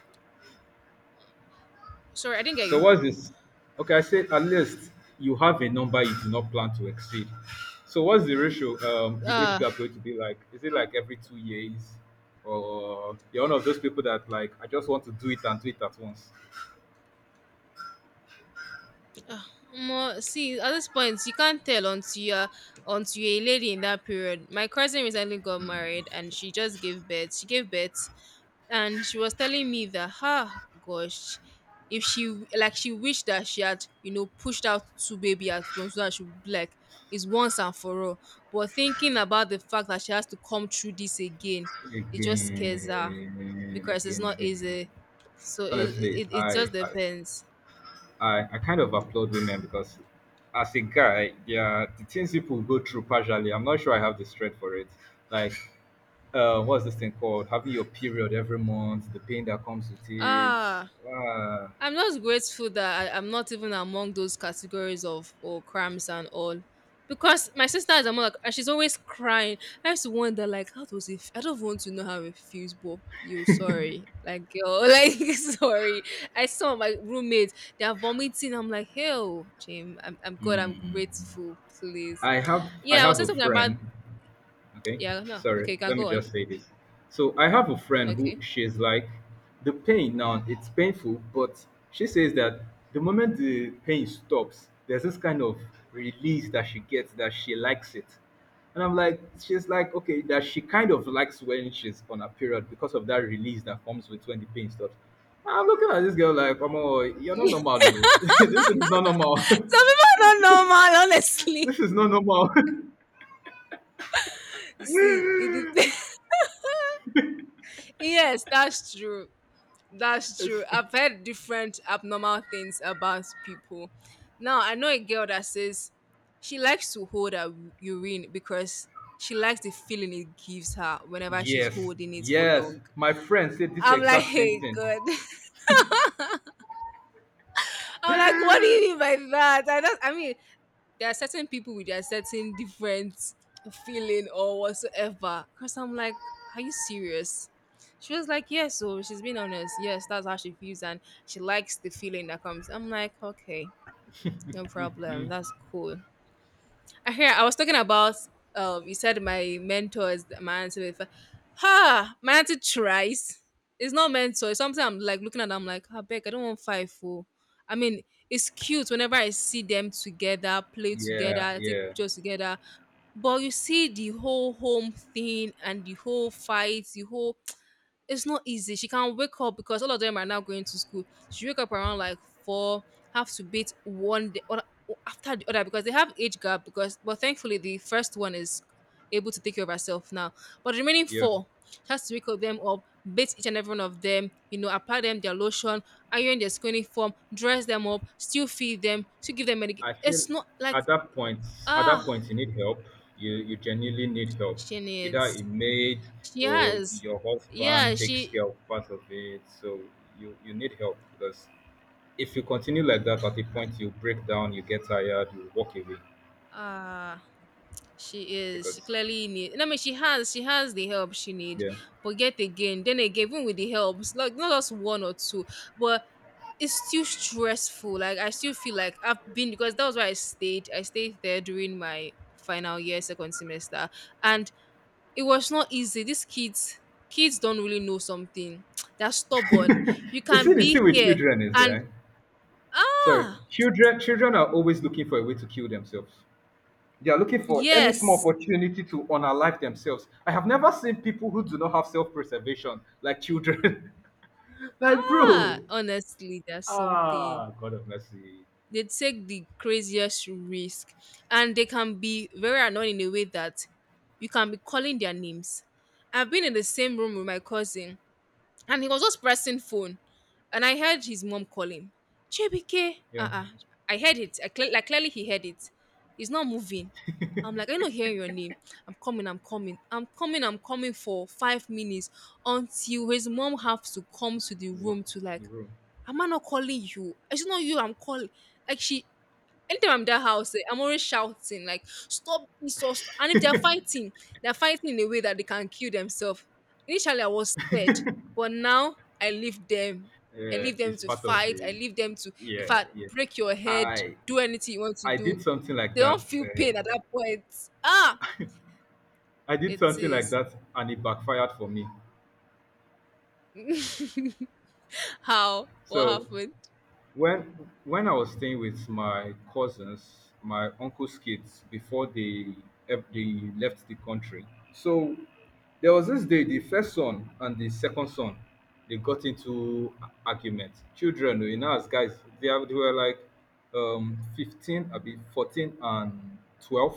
Speaker 1: Sorry, I didn't get
Speaker 2: So
Speaker 1: you.
Speaker 2: what's this? Okay, I said at least you have a number you do not plan to exceed. So what's the ratio? The age
Speaker 1: Uh,
Speaker 2: gap going to be like? Is it like every 2 years, or you're one of those people that like I just want to do it and do it at once?
Speaker 1: uh Omo, see, at this point, you can't tell until you're a lady in that period. My cousin recently got married, and she just gave birth. She gave birth, and she was telling me that, gosh, if she, like, she wished that she had pushed out two baby at once, so that she would be like it's once and for all. But thinking about the fact that she has to come through this again, it just scares
Speaker 2: Again,
Speaker 1: her,
Speaker 2: again,
Speaker 1: because it's
Speaker 2: again,
Speaker 1: not
Speaker 2: again.
Speaker 1: easy. So
Speaker 2: Honestly,
Speaker 1: it
Speaker 2: I,
Speaker 1: just
Speaker 2: I
Speaker 1: depends.
Speaker 2: I, I kind of applaud women, because as a guy, yeah, the things people go through partially, I'm not sure I have the strength for it. Like, what's this thing called? Having your period every month, the pain that comes with it.
Speaker 1: Ah,
Speaker 2: Uh,
Speaker 1: I'm just grateful that I'm not even among those categories of or cramps and all. Because my sister is among like, and she's always crying. I used to wonder like how does it I don't want to know how it feels, but you sorry. Like girl, like sorry. I saw my roommates, they are vomiting. I'm like, hell, Jim, I'm good, I'm
Speaker 2: hmm.
Speaker 1: grateful, please.
Speaker 2: I have I
Speaker 1: Yeah, I was
Speaker 2: have
Speaker 1: saying
Speaker 2: a
Speaker 1: something about,
Speaker 2: friend. Okay,
Speaker 1: yeah, no.
Speaker 2: sorry,
Speaker 1: Okay, you can
Speaker 2: let me
Speaker 1: go on.
Speaker 2: just say this. So I have a friend who
Speaker 1: Okay.
Speaker 2: she's like, the pain now, it's painful, but she says that the moment the pain stops, there's this kind of release that she gets that she likes it. And I'm like, she's like, okay, that she kind of likes when she's on a period, because of that release that comes with when the pain stops. I'm looking at this girl like, oh, you're not normal. Oh. This is not normal.
Speaker 1: Some people are not normal, honestly.
Speaker 2: This is not normal.
Speaker 1: You see, it depends. Yes, that's true. That's true.
Speaker 2: It's—
Speaker 1: I've heard different abnormal things about people. Now, I know a girl that says she likes to hold her urine because she likes the feeling it gives her whenever she's
Speaker 2: Yes,
Speaker 1: holding it for
Speaker 2: yes.
Speaker 1: long.
Speaker 2: My friend said this
Speaker 1: I'm like,
Speaker 2: exact same
Speaker 1: hey,
Speaker 2: thing.
Speaker 1: God. I'm like, what do you mean by that? I don't, I mean, there are certain people with their certain different feeling or whatsoever. Because I'm like, are you serious? She was like, yes. So she's been honest. Yes, that's how she feels, and she likes the feeling that comes. I'm like, okay, no problem. That's cool. I was talking about you said my auntie before. Ha, my auntie tries. It's not mentor. It's something I'm like looking at. I'm like, I beg, I don't want five four. I mean, it's cute whenever I see them together, play
Speaker 2: Yeah,
Speaker 1: together, take
Speaker 2: yeah,
Speaker 1: pictures together. But you see the whole home thing and the whole fight, the whole it's not easy. She can wake up because all of them are now going to school. She wake up around like four, have to beat one day or after the other because they have age gap. Because But thankfully the first one is able to take care of herself now. But the remaining
Speaker 2: yeah.
Speaker 1: four she has to wake up them up, bathe each and every one of them, apply them their lotion, iron their school uniform, dress them up, still feed them, still give them medication.
Speaker 2: I feel
Speaker 1: It's not like
Speaker 2: at that point,
Speaker 1: ah
Speaker 2: you need help. You genuinely need help.
Speaker 1: she
Speaker 2: Either a
Speaker 1: needs.
Speaker 2: maid
Speaker 1: She
Speaker 2: or
Speaker 1: has.
Speaker 2: your
Speaker 1: Yeah,
Speaker 2: husband takes care of part of it. So you need help, because if you continue like that, at a point you break down, you get tired, you walk away
Speaker 1: ah she is. She
Speaker 2: because,
Speaker 1: clearly need. I mean, she has. She has the help she need.
Speaker 2: yeah.
Speaker 1: But yet again, then again, even with the help, it's like not just one or two, but it's still stressful. Like I still feel like I've been because that was where I stayed. I stayed there during my final year, second semester, and it was not easy. Kids don't really know something. They're stubborn. You
Speaker 2: You
Speaker 1: can
Speaker 2: see, the
Speaker 1: be
Speaker 2: thing with
Speaker 1: here
Speaker 2: children is,
Speaker 1: and
Speaker 2: sorry,
Speaker 1: ah
Speaker 2: children. Children are always looking for a way to kill themselves. They are looking for any small
Speaker 1: yes,
Speaker 2: opportunity to unalive themselves. I have never seen people who do not have self-preservation like children. Like, bro,
Speaker 1: honestly, there's something,
Speaker 2: ah, God of mercy.
Speaker 1: they take the craziest risk, and they can be very annoying in a way that you can be calling their names. I've been in the same room with my cousin, and he was just pressing phone, and I heard his mom calling JBK,
Speaker 2: Yeah.
Speaker 1: uh-uh. I heard it. I like, clearly he heard it. He's not moving. I'm like, I'm not hearing your name. I'm coming, I'm coming, I'm coming, I'm coming for 5 minutes until his mom has to come to the
Speaker 2: Wha-
Speaker 1: room to like,
Speaker 2: bro.
Speaker 1: "Am I not calling you? It's not you I'm calling." Like, she anytime I'm in that house, eh, I'm always shouting like, "Stop this!" or "Stop-" And if they're fighting, they're fighting in a way that they can kill themselves. Initially, I was scared, but now I leave them. I
Speaker 2: Yeah,
Speaker 1: leave them
Speaker 2: it's
Speaker 1: to
Speaker 2: part of
Speaker 1: fight. I
Speaker 2: the.
Speaker 1: leave them to, if
Speaker 2: Yeah,
Speaker 1: I
Speaker 2: yeah.
Speaker 1: break your head,
Speaker 2: I
Speaker 1: do anything you want to
Speaker 2: I
Speaker 1: do.
Speaker 2: did something like
Speaker 1: They don't
Speaker 2: that.
Speaker 1: feel pain at that point. Ah,
Speaker 2: I did
Speaker 1: it
Speaker 2: something like
Speaker 1: is.
Speaker 2: that, and it backfired for me.
Speaker 1: How? What
Speaker 2: So,
Speaker 1: happened?
Speaker 2: when I was staying with my cousins, my uncle's kids, before they left the country, so there was this day the first son and the second son, they got into argument. Children, you know, as guys, they were like, 15, I be 14 and 12.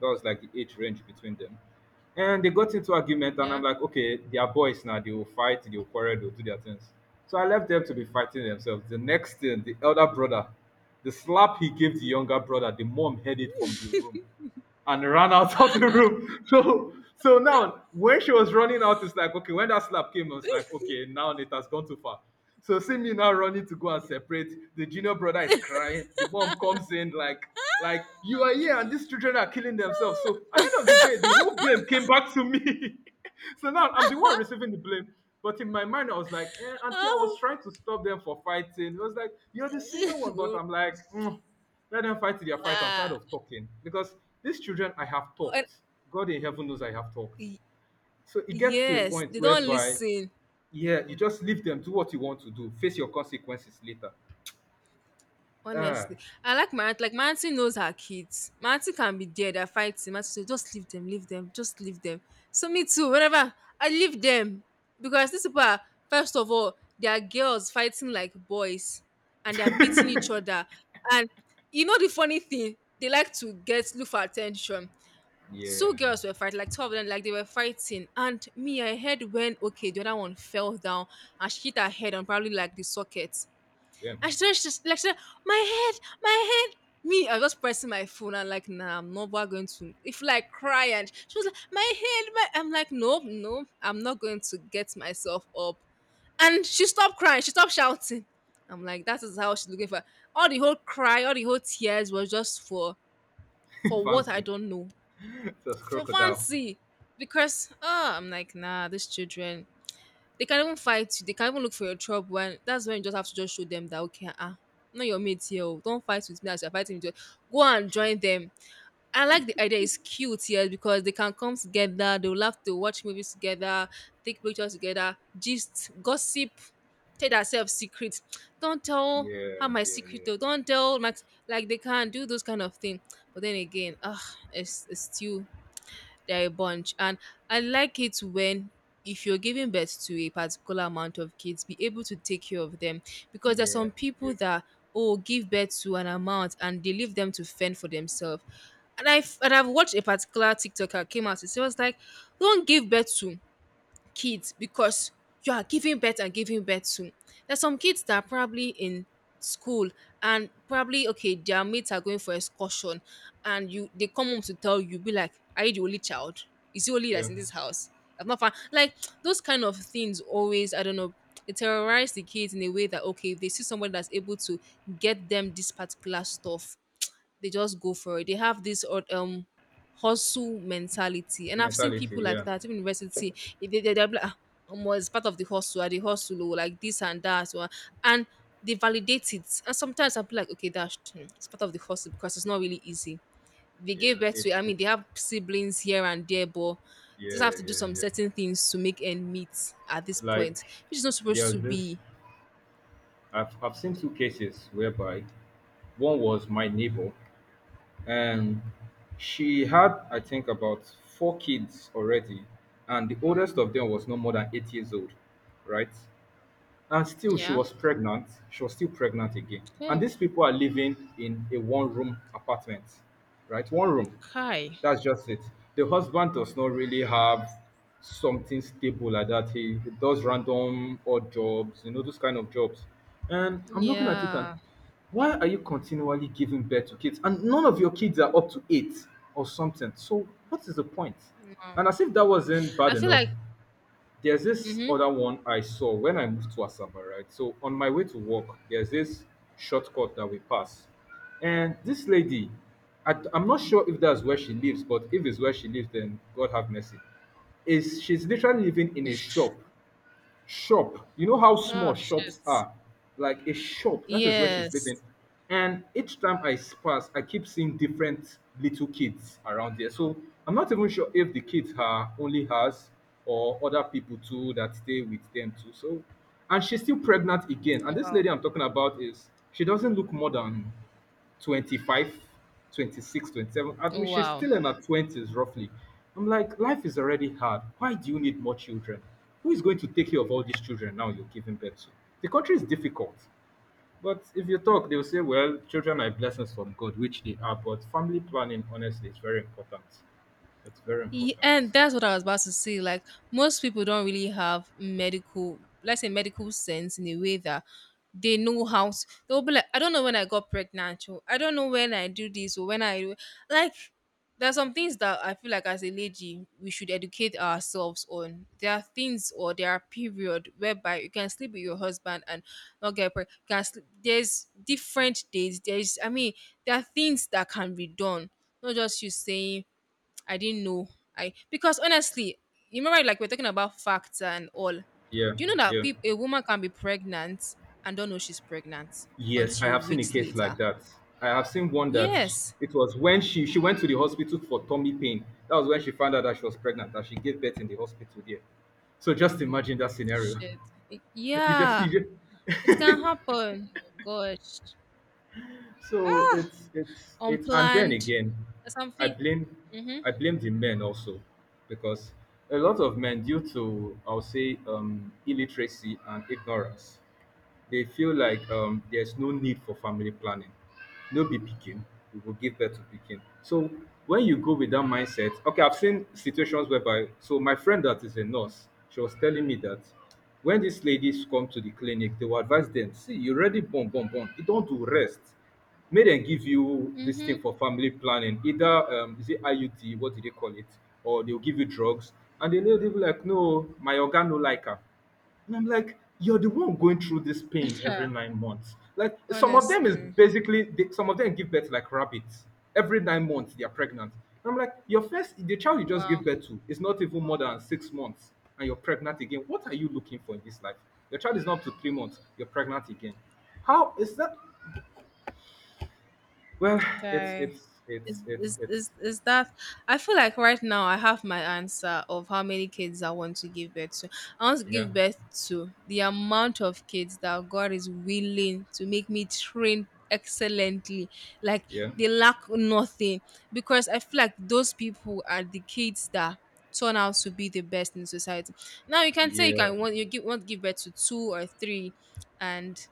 Speaker 2: That was like the age range between them. And they got into argument, and I'm
Speaker 1: Yeah.
Speaker 2: like, okay, they are boys now. They will fight, they will quarrel, they will do their things. So I left them to be fighting themselves. The next thing, the elder brother, the slap he gave the younger brother, the mom heard it from the room and ran out of the room. So now when she was running out, it's like, okay, when that slap came, I was like, okay, now it has gone too far. So see me now running to go and separate. The junior brother is crying. The mom comes in like you are here and these children are killing themselves. So at the end of the day, the whole blame came back to me. So now I'm the one receiving the blame. But in my mind, I was like, Auntie, I was
Speaker 1: Oh.
Speaker 2: trying to stop them for fighting. It was like, you're the senior one, but I'm like, "Mm, let them fight their fight. I'm tired
Speaker 1: ah.
Speaker 2: of talking because these children, I have
Speaker 1: And
Speaker 2: talked. God in heaven knows I have talked.
Speaker 1: y-
Speaker 2: So it gets to a
Speaker 1: yes,
Speaker 2: point
Speaker 1: they don't
Speaker 2: whereby,
Speaker 1: listen.
Speaker 2: yeah, you just leave them, do what you want to do, face your consequences later. Ah,
Speaker 1: Honestly, I like my aunt. Like my auntie knows her kids. My auntie can be there. They're fighting. My auntie say, just leave them, just leave them. So me too. Whenever I leave them, because these people are, first of all, they are girls fighting like boys, and they are beating each other. And you know the funny thing, they like to get look for attention.
Speaker 2: yeah,
Speaker 1: Two girls were fighting, like two of them, like they were fighting. And me, I heard when, okay, the other one fell down and she hit her head on probably like the socket.
Speaker 2: yeah,
Speaker 1: I stretched this lecture, my head, my head. Me, I was just pressing my phone and like, nah, I'm not going to if like cry. And she was like, my head, my I'm like, nope, no, I'm not going to get myself up. And she stopped crying, she stopped shouting. I'm like, that is how she's looking for, all the whole cry, all the whole tears was just for for what I
Speaker 2: fancy.
Speaker 1: don't know.
Speaker 2: Just
Speaker 1: For
Speaker 2: crocodile.
Speaker 1: fancy. Because I'm like, nah, these children, they can even fight you. They can even look for your trouble. When that's when you just have to just show them that, okay, ah, no, your mate here. Oh. Don't fight with me as you're fighting with. Your-" Go and join them. I like the idea. It's cute, yes, because they can come together. They'll have to watch movies together, take pictures together, gist, gossip, tell themselves secrets. Don't tell her
Speaker 2: Yeah,
Speaker 1: my
Speaker 2: yeah,
Speaker 1: secret
Speaker 2: yeah,
Speaker 1: though. Don't tell Max. Like they can do those kind of thing. But then again, it's still they're a bunch. And I like it when, if you're giving birth to a particular amount of kids, be able to take care of them. Because there's
Speaker 2: yeah,
Speaker 1: some people
Speaker 2: yeah,
Speaker 1: that oh give birth to an amount and they leave them to fend for themselves. And I've watched a particular TikToker came out. It was like, don't give birth to kids because you are giving birth and giving birth to. There's some kids that are probably in school, and probably okay, their mates are going for excursion, and you, they come home to tell you, be like, "Are you the only child? Is the only
Speaker 2: yeah.
Speaker 1: that's in this house? I'm not fine." Like, those kind of things always, I don't know, it terrorize the kids in a way that, okay, if they see somebody that's able to get them this particular stuff, they just go for it. They have this, or hustle mentality, and I've seen people
Speaker 2: Mentality.
Speaker 1: like
Speaker 2: Yeah,
Speaker 1: that even in university. They're like, ah, omo, it's part of the hustle, I the hustle, oh, like this and that, oh," and they validate it. And sometimes I'll be like, okay, that's hmm, it's part of the hustle because it's not really easy. They gave
Speaker 2: yeah.
Speaker 1: birth
Speaker 2: It
Speaker 1: to, it. I
Speaker 2: is.
Speaker 1: mean, they have siblings here and there, but just
Speaker 2: Yeah,
Speaker 1: have to do
Speaker 2: yeah,
Speaker 1: some
Speaker 2: yeah.
Speaker 1: certain things to make end meet at this
Speaker 2: Like
Speaker 1: point, which is not supposed to
Speaker 2: there's this.
Speaker 1: be.
Speaker 2: I've seen two cases whereby one was my neighbor. And she had, I think, about four kids already. And the oldest of them was no more than 8 years old, right? And still, she
Speaker 1: Yeah.
Speaker 2: was pregnant. She was still pregnant again. And
Speaker 1: Oh,
Speaker 2: these people are living in a one room apartment, right? One room.
Speaker 1: Kai.
Speaker 2: That's just it. The husband does not really have something stable like that. He does random odd jobs, you know, those kind of jobs. And I'm looking at it and
Speaker 1: Yeah.
Speaker 2: why are you continually giving birth to kids? And none of your kids are up to eight or something. So what is the point? And as if that wasn't bad
Speaker 1: I feel
Speaker 2: enough,
Speaker 1: like.
Speaker 2: there's this
Speaker 1: Mm-hmm.
Speaker 2: other one I saw when I moved to Asaba, right? So on my way to work, there's this shortcut that we pass. And this lady, I'm not sure if that's where she lives, but if it's where she lives, then God have mercy. Is, she's literally living in a shop shop. You know how small
Speaker 1: Oh,
Speaker 2: shops
Speaker 1: shit.
Speaker 2: are? Like a shop, that is where she's
Speaker 1: Yes.
Speaker 2: living. And each time I pass, I keep seeing different little kids around there. So I'm not even sure if the kids are only hers or other people too that stay with them too. So, and she's still pregnant again. And this
Speaker 1: Wow.
Speaker 2: lady I'm talking about is, she doesn't look modern. 25, 26, 27. I mean,
Speaker 1: Oh,
Speaker 2: she's
Speaker 1: wow.
Speaker 2: still in her 20s, roughly. I'm like, life is already hard. Why do you need more children? Who is going to take care of all these children now you're giving birth to? The country is difficult. But if you talk, they'll say, well, children are blessings from God, which they are. But family planning, honestly, is very important. It's very important.
Speaker 1: And that's what I was about to say. Like most people don't really have medical, let's say, medical sense in a way that they know how to, they'll be like, I don't know when I got pregnant, or I don't know when I do this or when I do like, there's some things that I feel like as a lady we should educate ourselves on. There are things or there are period whereby you can sleep with your husband and not get pregnant. Can sleep. There's different days. There's I mean, there are things that can be done. Not just you saying I didn't know. I, because honestly, you remember like we're talking about facts and all.
Speaker 2: Yeah,
Speaker 1: Do you know that
Speaker 2: yeah.
Speaker 1: peop a woman can be pregnant and don't know she's pregnant
Speaker 2: Yes, I
Speaker 1: until
Speaker 2: have seen a
Speaker 1: weeks
Speaker 2: case like
Speaker 1: later?
Speaker 2: that. I have seen one that sh-
Speaker 1: Yes.
Speaker 2: It was when she went to the hospital for tummy pain. That was when she found out that she was pregnant, that she gave birth in the hospital there. So just imagine that scenario.
Speaker 1: Shit.
Speaker 2: You just see.
Speaker 1: Yeah.
Speaker 2: You
Speaker 1: It can happen. Gosh.
Speaker 2: so it's and then
Speaker 1: Unplanned.
Speaker 2: again, I
Speaker 1: Something.
Speaker 2: blame
Speaker 1: Mm-hmm.
Speaker 2: I blame the men also, because a lot of men, due to I'll say illiteracy and ignorance, they feel like there's no need for family planning. No be picking, we will give birth to picking. So when you go with that mindset, okay, I've seen situations whereby, so my friend that is a nurse, she was telling me that when these ladies come to the clinic, they will advise them, see, you already born, born, born. You don't do rest. May dem give you this thing
Speaker 1: Mm-hmm.
Speaker 2: for family planning, either is it iud, what do they call it, or they'll give you drugs. And the lady will be like, no, my oga no like am. And I'm like, you're the one going through this pain every 9 months. Like some of them is
Speaker 1: Honestly.
Speaker 2: basically, they, some of them give birth like rabbits. Every 9 months they are pregnant. And I'm like, your first the child you just give
Speaker 1: Wow.
Speaker 2: birth to is not even more than 6 months, and you're pregnant again. What are you looking for in this life? Your child is not up to 3 months. You're pregnant again. How is that? Well,
Speaker 1: Okay. Is, is
Speaker 2: it's
Speaker 1: is is that, I feel like right now I have my answer of how many kids I want to give birth to. I want to
Speaker 2: yeah,
Speaker 1: give birth to the amount of kids that God is willing to make me train excellently. Like
Speaker 2: yeah,
Speaker 1: they lack nothing. Because I feel like those people are the kids that turn out to be the best in society. Now, you can say you
Speaker 2: yeah.
Speaker 1: can want you give want to give birth to two or three, and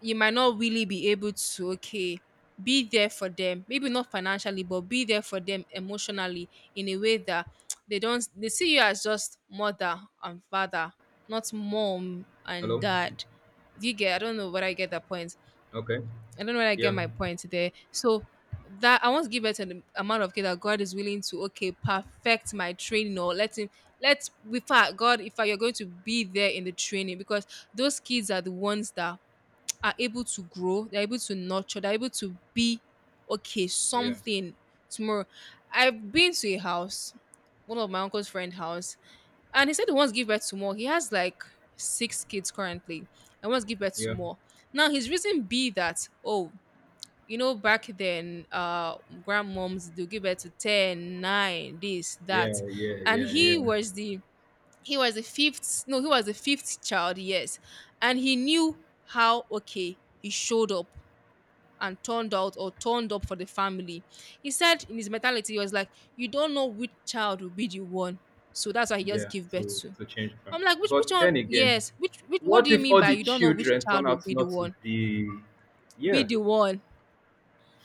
Speaker 1: you might not really be able to, okay, be there for them, maybe not financially but be there for them emotionally in a way that they don't they see you as just mother and father, not mom and
Speaker 2: Hello.
Speaker 1: dad. Do you get? I don't know whether I get that point.
Speaker 2: Okay.
Speaker 1: I don't know whether I get
Speaker 2: Yeah,
Speaker 1: my point there. So, that I want to give it to the amount of kids that God is willing to, okay, perfect my training. Or let, with fact, God, if you're going to be there in the training, because those kids are the ones that are able to grow, they're able to nurture, they're able to be okay,
Speaker 2: yeah,
Speaker 1: something tomorrow. I've been to a house, one of my uncle's friend house, and he said he wants to give birth to more. He has like six kids currently and wants to give birth to
Speaker 2: yeah,
Speaker 1: more. Now, his reason be that, oh, you know, back then, grandmoms they'll give birth to 10, 9, this,
Speaker 2: yeah,
Speaker 1: that.
Speaker 2: yeah,
Speaker 1: And
Speaker 2: yeah,
Speaker 1: he
Speaker 2: yeah,
Speaker 1: was the He was the fifth, no, he was the fifth child, yes, and he knew how. Okay, he showed up and turned out, or turned up, for the family. He said in his mentality, he was like, you don't know which child will be the one. So that's why he just
Speaker 2: yeah,
Speaker 1: gave birth
Speaker 2: to
Speaker 1: to.
Speaker 2: to change the family.
Speaker 1: I'm like, which
Speaker 2: But then
Speaker 1: one?
Speaker 2: again,
Speaker 1: Yes. Which, what
Speaker 2: what
Speaker 1: do you
Speaker 2: if
Speaker 1: mean
Speaker 2: all
Speaker 1: by,
Speaker 2: the
Speaker 1: you don't know which
Speaker 2: children turn
Speaker 1: child will
Speaker 2: out
Speaker 1: be the
Speaker 2: not to
Speaker 1: one.
Speaker 2: be? Yeah.
Speaker 1: Be the one.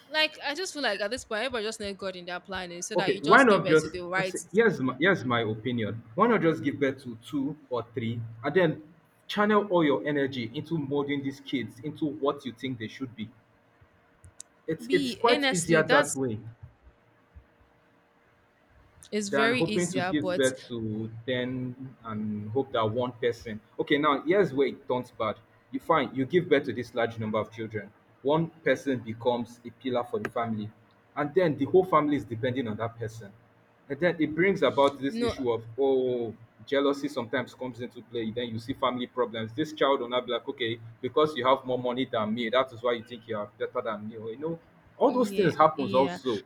Speaker 1: Like, I just feel like at this point everybody just need God in their planning, so that
Speaker 2: Okay,
Speaker 1: you
Speaker 2: why
Speaker 1: just give
Speaker 2: not
Speaker 1: birth to
Speaker 2: just,
Speaker 1: the right.
Speaker 2: here's my, here's my opinion, why not just give birth to two or three and then channel all your energy into molding these kids into what you think they should be? It's
Speaker 1: be
Speaker 2: quite easier
Speaker 1: Honestly,
Speaker 2: that
Speaker 1: that's
Speaker 2: way
Speaker 1: it's
Speaker 2: than
Speaker 1: very
Speaker 2: hoping to
Speaker 1: easier,
Speaker 2: give
Speaker 1: but
Speaker 2: birth to 10 and hope that one person. Okay, now here's where it turns bad. You find you give birth to this large number of children. One person becomes a pillar for the family, and then the whole family is depending on that person. And then it brings about this
Speaker 1: no.
Speaker 2: issue of, oh, jealousy sometimes comes into play. Then you see family problems. This child will not be like, okay, because you have more money than me, that is why you think you are better than me. Or, you know, all those
Speaker 1: Yeah,
Speaker 2: things happens
Speaker 1: yeah.
Speaker 2: also.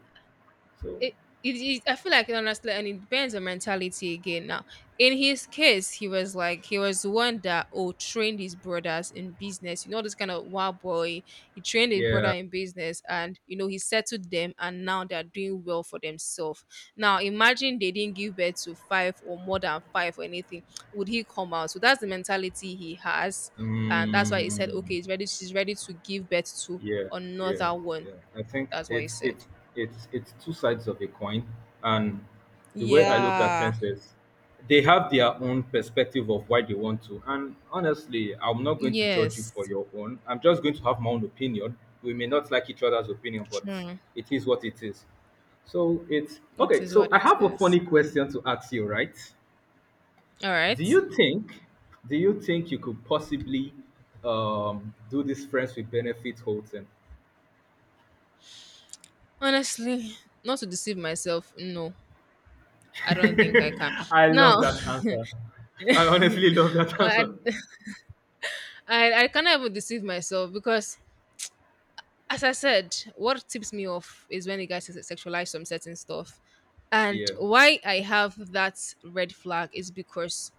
Speaker 2: So
Speaker 1: It, I feel like, honestly, and it depends on mentality again. Now, in his case, he was like, he was the one that oh trained his brothers in business. You know, this kind of wild boy. He trained his brother
Speaker 2: yeah.
Speaker 1: in business, and you know, he settled them, and now they are doing well for themselves. Now, imagine they didn't give birth to five or more than five or anything. Would he come out? So that's the mentality he has, and that's why he said,
Speaker 2: Mm,
Speaker 1: okay, he's ready. She's ready to give birth to
Speaker 2: yeah, yeah,
Speaker 1: another one.
Speaker 2: yeah. I think
Speaker 1: That's what he
Speaker 2: it's
Speaker 1: said.
Speaker 2: it's it's it's two sides of a coin, and the way I look at
Speaker 1: Yeah.
Speaker 2: things is, they have their own perspective of why they want to. And honestly, I'm not going to judge you for
Speaker 1: Yes.
Speaker 2: your own. I'm just going to have my own opinion. We may not like each other's opinion, but
Speaker 1: True.
Speaker 2: it is what it is. So it's
Speaker 1: It
Speaker 2: okay.
Speaker 1: is
Speaker 2: So
Speaker 1: what
Speaker 2: I
Speaker 1: it
Speaker 2: have a
Speaker 1: is.
Speaker 2: funny question to ask you, right?
Speaker 1: All
Speaker 2: Do
Speaker 1: right.
Speaker 2: you think do you think you could possibly do this friends with benefit whole thing?
Speaker 1: Honestly, not to deceive myself, no, I don't think I can.
Speaker 2: I
Speaker 1: Now,
Speaker 2: love that answer. I honestly love that
Speaker 1: I,
Speaker 2: answer.
Speaker 1: I cannot even deceive myself, because, as I said, what tips me off is when you guys sexualize some certain stuff. And
Speaker 2: Yeah,
Speaker 1: why I have that red flag is because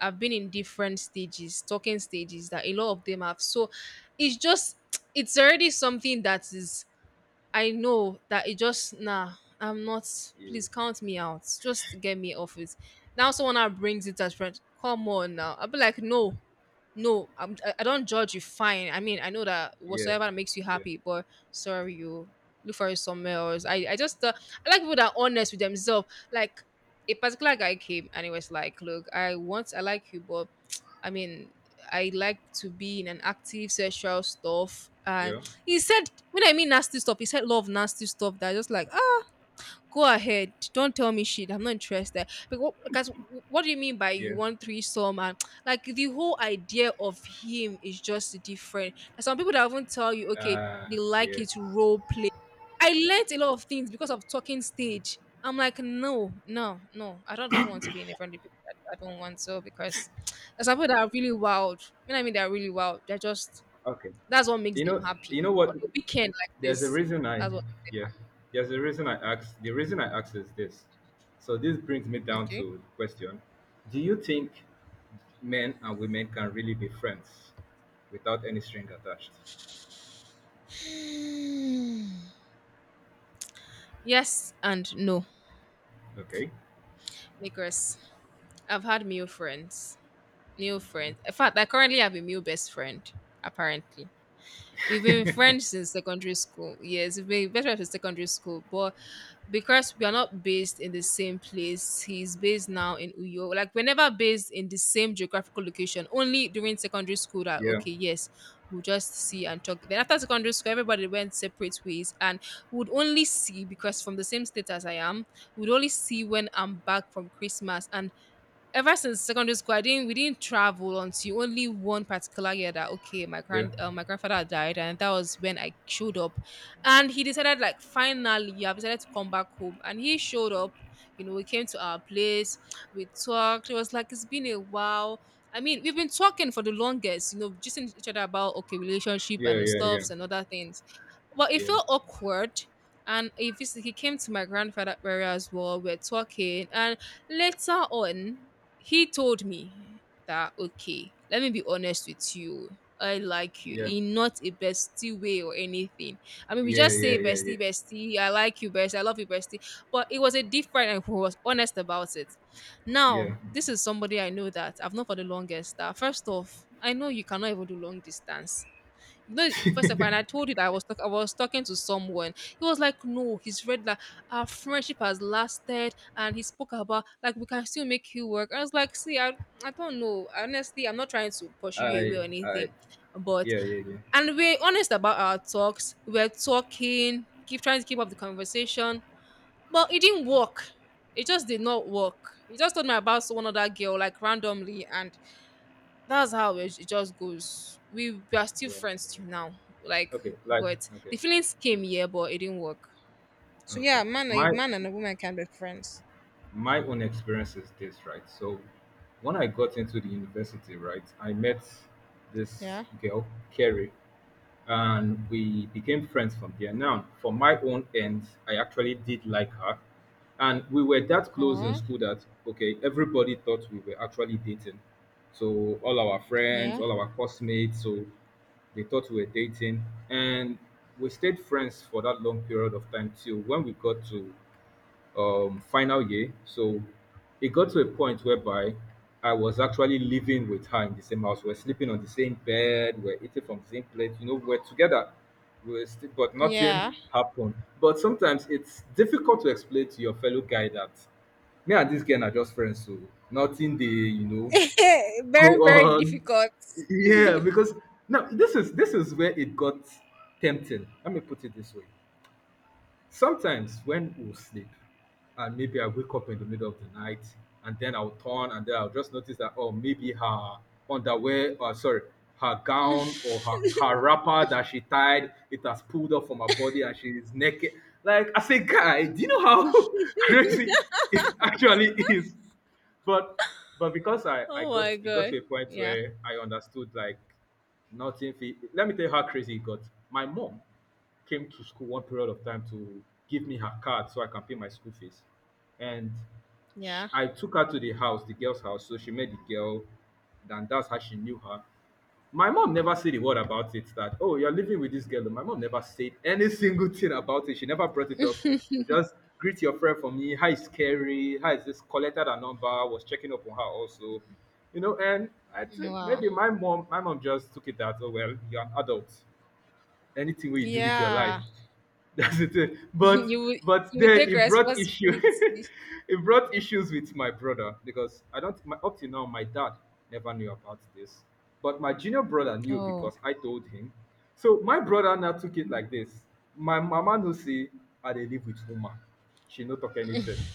Speaker 1: I've been in different stages, talking stages that a lot of them have. So it's just, it's already something that is, I know that it just nah, I'm not.
Speaker 2: yeah,
Speaker 1: Please count me out. Just get me off it. Now someone now brings it as friend. Come on now. I'll be like, no, no. I don't judge you. Fine. I mean, I know that
Speaker 2: yeah,
Speaker 1: whatsoever makes you
Speaker 2: yeah,
Speaker 1: happy, but sorry, you look for it somewhere else. I like people that are honest with themselves. Like, a particular guy came and he was like, look, I like you, but I mean, I like to be in an active sexual stuff. And
Speaker 2: yeah,
Speaker 1: he said, when I mean nasty stuff, he said a lot of nasty stuff that I just like, ah, go ahead. Don't tell me shit. I'm not interested. Because guys, what do you mean by you
Speaker 2: yeah.
Speaker 1: want threesome? And like the whole idea of him is just different. There's some people that even tell you, okay, they like
Speaker 2: Yeah.
Speaker 1: it role play. I learnt a lot of things because of talking stage. I'm like, no, no, no. I don't even want to be in a friendly place. I don't want to, because there's some people that are really wild. When I mean? They're really wild. They're just,
Speaker 2: Okay.
Speaker 1: that's what makes
Speaker 2: You
Speaker 1: them
Speaker 2: know, you know
Speaker 1: happy.
Speaker 2: what?
Speaker 1: On a weekend like
Speaker 2: There's a
Speaker 1: this,
Speaker 2: reason I
Speaker 1: that's what makes them
Speaker 2: Yeah. The reason I asked is this. So this brings me
Speaker 1: happy.
Speaker 2: down to
Speaker 1: Okay.
Speaker 2: the question: do you think men and women can really be friends without any string attached?
Speaker 1: Yes and no.
Speaker 2: Okay.
Speaker 1: Because I've had male friends. Male
Speaker 2: Hmm.
Speaker 1: friends. In fact, I currently have a male best friend, apparently. We've been friends since secondary school. Yes, we've been best friends since secondary school. But because we are not based in the same place, he's based now in Uyo. Like, we're never based in the same geographical location. Only during secondary school that,
Speaker 2: Yeah.
Speaker 1: okay, yes, we'll just see and talk. Then after secondary school, everybody went separate ways, and we would only see, because from the same state as I am, we would only see when I'm back from Christmas. And ever since secondary school, I didn't we didn't travel until only one particular year that, okay, my
Speaker 2: Yeah.
Speaker 1: grand my grandfather had died, and that was when I showed up, and he decided, like, finally I have decided to come back home, and he showed up. You know, we came to our place, we talked. It was like, it's been a while. I mean, we've been talking for the longest, you know, just in each other about, okay, relationship
Speaker 2: Yeah.
Speaker 1: and
Speaker 2: Yeah. Yeah.
Speaker 1: stuffs and other things. But it
Speaker 2: Yeah.
Speaker 1: felt awkward. And if he came to my grandfather area as well, we're talking, and later on he told me that, okay, let me be honest with you, I like you
Speaker 2: Yeah.
Speaker 1: in not a bestie way or anything. I mean, we
Speaker 2: Yeah.
Speaker 1: just
Speaker 2: Yeah.
Speaker 1: say
Speaker 2: Yeah.
Speaker 1: bestie, bestie I like you, bestie I love you, bestie. But it was a different, and he was honest about it. Now,
Speaker 2: Yeah.
Speaker 1: this is somebody I know that I've known for the longest, that first off, I know you cannot even do long distance. No, first of all,
Speaker 2: Yeah.
Speaker 1: and I told you that I was talking to someone. He was like, "No, he's read that our friendship has lasted," and he spoke about, like, we can still make you work. I was like, "See, I don't know. Honestly, I'm not trying to pursue you away
Speaker 2: I.
Speaker 1: or
Speaker 2: I.
Speaker 1: anything, but,"
Speaker 2: Yeah. Yeah. Yeah. Yeah.
Speaker 1: and we're honest about our talks. We're talking, keep trying to keep up the conversation, but it didn't work. It just did not work. He just told me about one other girl like randomly, and that's how it just goes. We are still
Speaker 2: Yeah. Yeah.
Speaker 1: friends till now. Like,
Speaker 2: Okay. Like.
Speaker 1: but
Speaker 2: Okay.
Speaker 1: the feelings came here, but it didn't work. So
Speaker 2: Okay.
Speaker 1: yeah, man, a
Speaker 2: My
Speaker 1: man and a woman can be friends.
Speaker 2: my own experience is this, right? So when I got into the university, right, I met this
Speaker 1: Yeah.
Speaker 2: girl, Carrie, and we became friends from there. Now, for my own end, I actually did like her. And we were that close in
Speaker 1: uh
Speaker 2: school that, okay, everybody thought we were actually dating. So all our friends,
Speaker 1: Yeah.
Speaker 2: all our classmates, so they thought we were dating. And we stayed friends for that long period of time, till when we got to final year. So it got to a point whereby I was actually living with her in the same house. We're sleeping on the same bed. We're eating from the same plate. You know, we're together. We're still, but
Speaker 1: Yeah.
Speaker 2: nothing happened. But sometimes it's difficult to explain to your fellow guy that me and this girl are just friends, so nothing, they, go
Speaker 1: Very, very
Speaker 2: on.
Speaker 1: difficult.
Speaker 2: Yeah, because now this is where it got tempting. Let me put it this way. Sometimes when we'll sleep, and maybe I wake up in the middle of the night, and then I'll turn, and then I'll just notice that, oh, maybe her underwear, or sorry, her gown or her wrapper that she tied, it has pulled off from her body, and she is naked. Like I say, guy, do you know how crazy it actually is? but but because I
Speaker 1: Oh
Speaker 2: got,
Speaker 1: my
Speaker 2: it got
Speaker 1: God.
Speaker 2: to a point
Speaker 1: Yeah.
Speaker 2: where I understood like nothing. Let me tell you how crazy it got. My mom came to school one period of time to give me her card so I can pay my school fees, and sh
Speaker 1: Yeah.
Speaker 2: I took her to the house, the girl's house. So she met the girl, and that's how she knew her. My mom never said a word about it, that, oh, you're living with this girl. My mom never said any single thing about it. She never brought it up. She would just greet your friend for me. Hi, scary. Hi, is this, collected her number? Was checking up on her also. You know, and I think
Speaker 1: Wow.
Speaker 2: maybe my mom just took it that, oh well, you're an adult, anything wey you do with your life.
Speaker 1: Yeah.
Speaker 2: That's the thing. But
Speaker 1: you will
Speaker 2: but
Speaker 1: you will
Speaker 2: then
Speaker 1: take
Speaker 2: it brought issue.
Speaker 1: responsibility.
Speaker 2: It brought issues with my brother, because I don't my, up till now my dad never knew about this, but my junior brother knew,
Speaker 1: Oh.
Speaker 2: because I told him. So my brother now took it like this. My mama no say I dey live with woman. She no talk anything.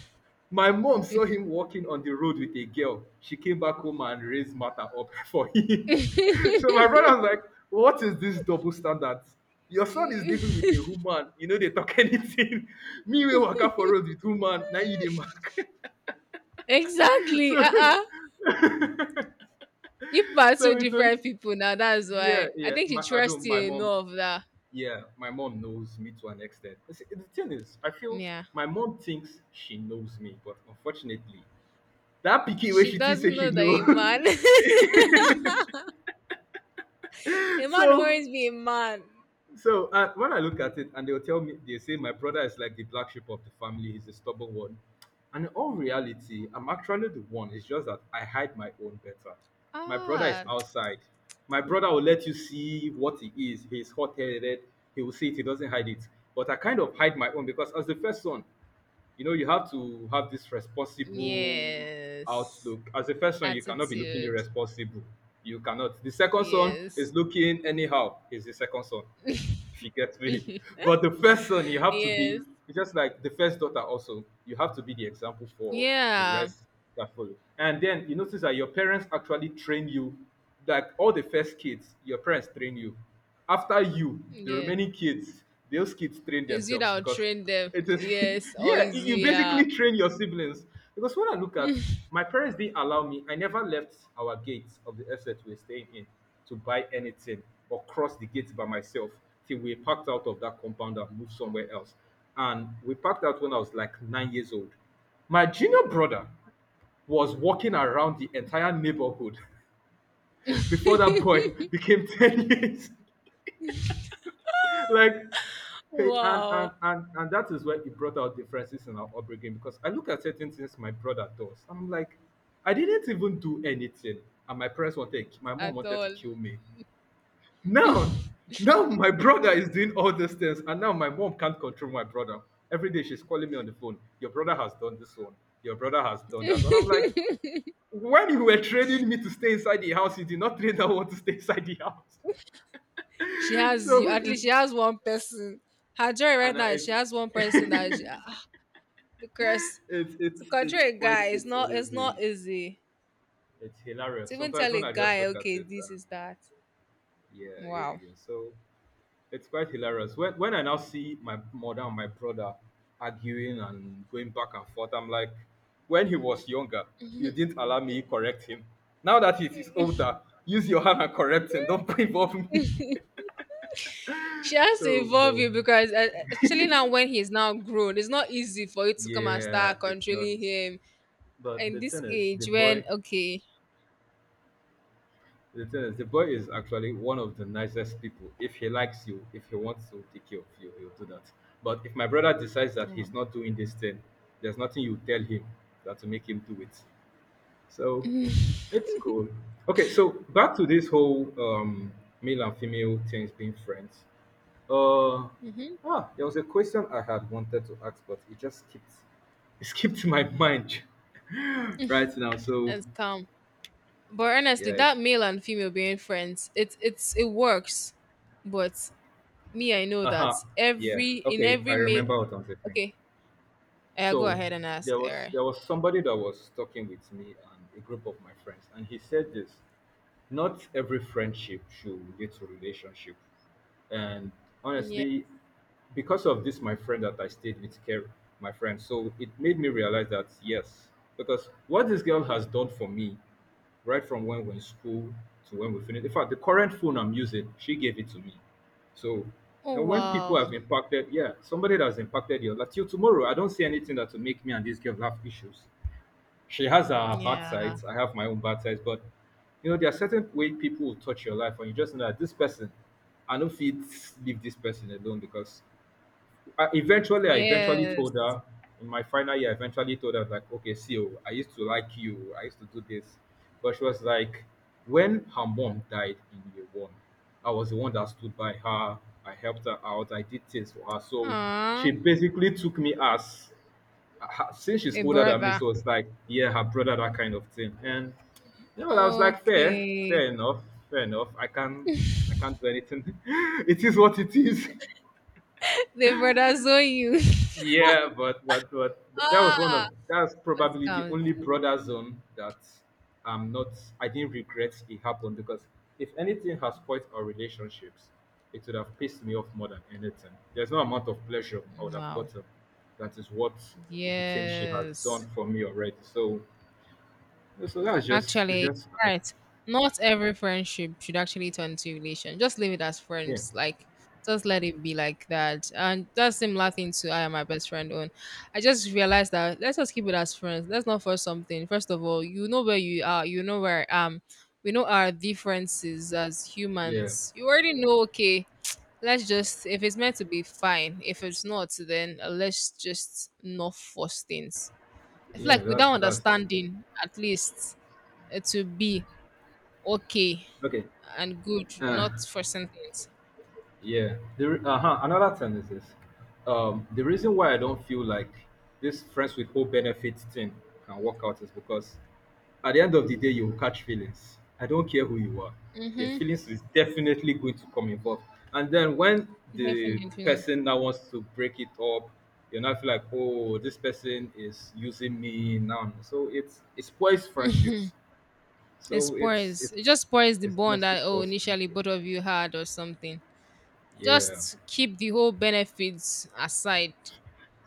Speaker 2: My mom saw him walking on the road with a girl. She came back home and raised matter up for him. So my brother was like, "What is this double standard? Your son is living with a woman. You know they talk anything. Me we waka for road with woman. Now you the mark."
Speaker 1: Exactly.
Speaker 2: so,
Speaker 1: You are
Speaker 2: so
Speaker 1: two
Speaker 2: it was.
Speaker 1: different people now. That's
Speaker 2: Yeah,
Speaker 1: why I
Speaker 2: yeah.
Speaker 1: think she
Speaker 2: My, I
Speaker 1: trusts
Speaker 2: don't. My
Speaker 1: you
Speaker 2: mom.
Speaker 1: enough that.
Speaker 2: Yeah, my mom knows me to an extent. You see, the thing is, I feel
Speaker 1: Yeah.
Speaker 2: my mom thinks she knows me, but unfortunately, that picky way
Speaker 1: She
Speaker 2: she thinks say
Speaker 1: doesn't
Speaker 2: she
Speaker 1: know that
Speaker 2: know.
Speaker 1: a man, a man will
Speaker 2: so
Speaker 1: always be a man.
Speaker 2: when I look at it and they'll tell me they say my brother is like the black sheep of the family, he's the stubborn one. And in all reality, I'm actually the one. It's just that I hide my own better. My brother is
Speaker 1: Ah,
Speaker 2: outside. My brother will let you see what he is. He's hot headed. He will see it. He doesn't hide it. But I kind of hide my own because as the first son, you know you have to have this responsible
Speaker 1: yes.
Speaker 2: outlook. As a first son you cannot be looking
Speaker 1: Attitude.
Speaker 2: irresponsible, you cannot, the second son is
Speaker 1: Yes.
Speaker 2: looking anyhow, is the second son, if you get me. But the first son you have to be
Speaker 1: Yes.
Speaker 2: just like the first daughter. Also you have to be the example for the
Speaker 1: Yeah.
Speaker 2: rest that follow. And then you notice that your parents actually train you, like all the first kids your parents train you. After you, the
Speaker 1: Yeah.
Speaker 2: remaining kids, those kids train
Speaker 1: Is you
Speaker 2: themselves,
Speaker 1: that will
Speaker 2: because
Speaker 1: train them?
Speaker 2: it is,
Speaker 1: Yes. Or
Speaker 2: yeah,
Speaker 1: is
Speaker 2: you
Speaker 1: you? Yeah.
Speaker 2: basically train your siblings. Because when I look at, my parents didn't allow me, I never left our gates of the estate we're staying in to buy anything or cross the gates by myself till we packed out of that compound and moved somewhere else. And we packed out when I was like 9 years old. My junior brother was walking around the entire neighborhood before that boy became 10 years. Like, hey, and, and
Speaker 1: Wow.
Speaker 2: and and that is where it brought out differences in our upbringing, because I look at certain things my brother does. I'm like, I didn't even do anything, and my parents wanted, my mom
Speaker 1: At
Speaker 2: wanted to
Speaker 1: all.
Speaker 2: kill me. Now, Now my brother is doing all these things, and now my mom can't control my brother. Every day she's calling me on the phone. Your brother has done this one. Your brother has done that, and I'm like, when you were training me to stay inside the house, you did not train that one to stay inside the house.
Speaker 1: She has you.
Speaker 2: So
Speaker 1: At least she
Speaker 2: it's
Speaker 1: has one person. Her joy right
Speaker 2: and
Speaker 1: now, is
Speaker 2: it's.
Speaker 1: she has one person that she, ah, because to control
Speaker 2: It's
Speaker 1: a
Speaker 2: quite
Speaker 1: guy, it's
Speaker 2: it's
Speaker 1: not it's
Speaker 2: honestly
Speaker 1: not easy.
Speaker 2: It's hilarious.
Speaker 1: To even
Speaker 2: Sometimes
Speaker 1: tell
Speaker 2: when
Speaker 1: a
Speaker 2: I just
Speaker 1: guy,
Speaker 2: look at
Speaker 1: okay,
Speaker 2: it,
Speaker 1: this is that.
Speaker 2: yeah, yeah,
Speaker 1: Wow.
Speaker 2: yeah. So it's quite hilarious. When I now see my mother and my brother arguing and going back and forth, I'm like, when he was younger, you didn't allow me correct him. Now that he is older, use your hand and correct him. Don't involve me.
Speaker 1: She has to
Speaker 2: So,
Speaker 1: involve
Speaker 2: no,
Speaker 1: you because, especially now when he's now grown, it's not easy for you to come and
Speaker 2: yeah,
Speaker 1: start
Speaker 2: it's not.
Speaker 1: controlling him
Speaker 2: But
Speaker 1: in
Speaker 2: the
Speaker 1: this
Speaker 2: thing is, the
Speaker 1: age when,
Speaker 2: boy
Speaker 1: okay,
Speaker 2: The thing is, the boy is actually one of the nicest people. If he likes you, if he wants to take care of you, he'll do that. But if my brother decides that
Speaker 1: mm-hmm,
Speaker 2: he's not doing this thing, there's nothing you tell him that will make him do it. So it's cool. Okay, so back to this whole male and female things being friends. Uh, there was a question I had wanted to ask, but it just skipped. It skipped my mind right now. So
Speaker 1: it's calm. But
Speaker 2: yeah,
Speaker 1: honestly, that
Speaker 2: it's
Speaker 1: male and female being friends, it works. But me, I know
Speaker 2: uh
Speaker 1: that
Speaker 2: huh. Yeah.
Speaker 1: every, in
Speaker 2: Okay. I
Speaker 1: every male,
Speaker 2: remember what I'm saying.
Speaker 1: okay, I go
Speaker 2: So
Speaker 1: ahead and ask
Speaker 2: there was
Speaker 1: her.
Speaker 2: there was somebody that was talking with me and a group of my friends, and he said this: not every friendship should lead to relationship. And
Speaker 1: Yeah.
Speaker 2: honestly, because of this, my friend that I stayed with care, my friend, so it made me realize that yes, because what this girl has done for me right from when we're in school to when we finish. In fact, the current phone I'm using, she gave it to me. So, you
Speaker 1: Oh,
Speaker 2: know, when people have
Speaker 1: wow.
Speaker 2: impacted, yeah, somebody that's impacted your life till tomorrow, I don't see anything that will make me and this girl have issues. She has her bad
Speaker 1: Yeah.
Speaker 2: sides, I have my own bad sides, but you know, there are certain way people will touch your life, and you just know that this person, I don't fit leave this person alone. Because I eventually
Speaker 1: Yes.
Speaker 2: told her in my final year. I eventually told her like, okay, see, oh, I used to like you. I used to do this, but she was like, when her mom died in year one, I was the one that stood by her. I helped her out. I did things for her. So
Speaker 1: Ah,
Speaker 2: she basically took me as since she's
Speaker 1: a
Speaker 2: older than me,
Speaker 1: brother.
Speaker 2: so it's like, yeah, her brother, that kind of thing. And you know, I was like, fair,
Speaker 1: Okay.
Speaker 2: fair enough, fair enough. I can't do anything. It is what it is.
Speaker 1: They brother zone you.
Speaker 2: Yeah, but that was one of
Speaker 1: Ah,
Speaker 2: that's
Speaker 1: but
Speaker 2: probably the
Speaker 1: calm
Speaker 2: only
Speaker 1: down.
Speaker 2: brother zone that I'm not I didn't regret it happened, because if anything has spoiled our relationships, it would have pissed me off more than anything. There's no amount of pleasure I would have
Speaker 1: Wow.
Speaker 2: gotten that is what the thing she has done
Speaker 1: Yes.
Speaker 2: for me already. So so that's just, it's
Speaker 1: Actually,
Speaker 2: just life.
Speaker 1: right. Not every friendship should actually turn to relation. Just leave it as
Speaker 2: Yeah,
Speaker 1: friends. Like, just let it be like that. And that's similar thing to I am my best friend on. I just realized that let's just keep it as friends. Let's not force something. First of all, you know where you are. You know where I am. We know our differences as
Speaker 2: yeah,
Speaker 1: humans. You already know, okay, let's just, if it's meant to be, fine. If it's not, then let's just not force things. I feel
Speaker 2: yeah,
Speaker 1: like, without
Speaker 2: that's
Speaker 1: understanding, at least it will be okay
Speaker 2: okay.
Speaker 1: and good,
Speaker 2: Uh,
Speaker 1: not forcing things.
Speaker 2: yeah. The another thing is this. The reason why I don't feel like this friends with whole benefits thing can work out is because at the end of the day, you will catch feelings. I don't care who you are. Your
Speaker 1: Mm-hmm.
Speaker 2: feelings is definitely going to come involved. And then when the
Speaker 1: Definitely.
Speaker 2: person now wants to break it up, you now feel like, oh, this person is using me now. So it spoils friendships.
Speaker 1: It
Speaker 2: So
Speaker 1: spoils. It just spoils the
Speaker 2: it's
Speaker 1: bond
Speaker 2: honestly
Speaker 1: that oh
Speaker 2: spoils
Speaker 1: initially
Speaker 2: friendship.
Speaker 1: both of you had or something.
Speaker 2: Yeah.
Speaker 1: Just keep the whole benefits aside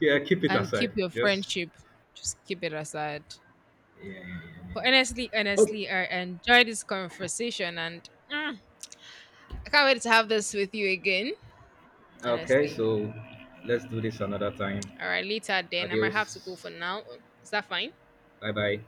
Speaker 2: Yeah, keep it
Speaker 1: and keep
Speaker 2: aside.
Speaker 1: your
Speaker 2: Just
Speaker 1: friendship. Just keep it aside.
Speaker 2: yeah, yeah, yeah. Yeah.
Speaker 1: But honestly,
Speaker 2: Oh,
Speaker 1: honestly, I enjoy this conversation, and I can't wait to have this with you again,
Speaker 2: okay.
Speaker 1: honestly.
Speaker 2: So let's do this another time.
Speaker 1: All right, later then. I might have to go
Speaker 2: Adios.
Speaker 1: for now. Is that fine?
Speaker 2: Bye bye.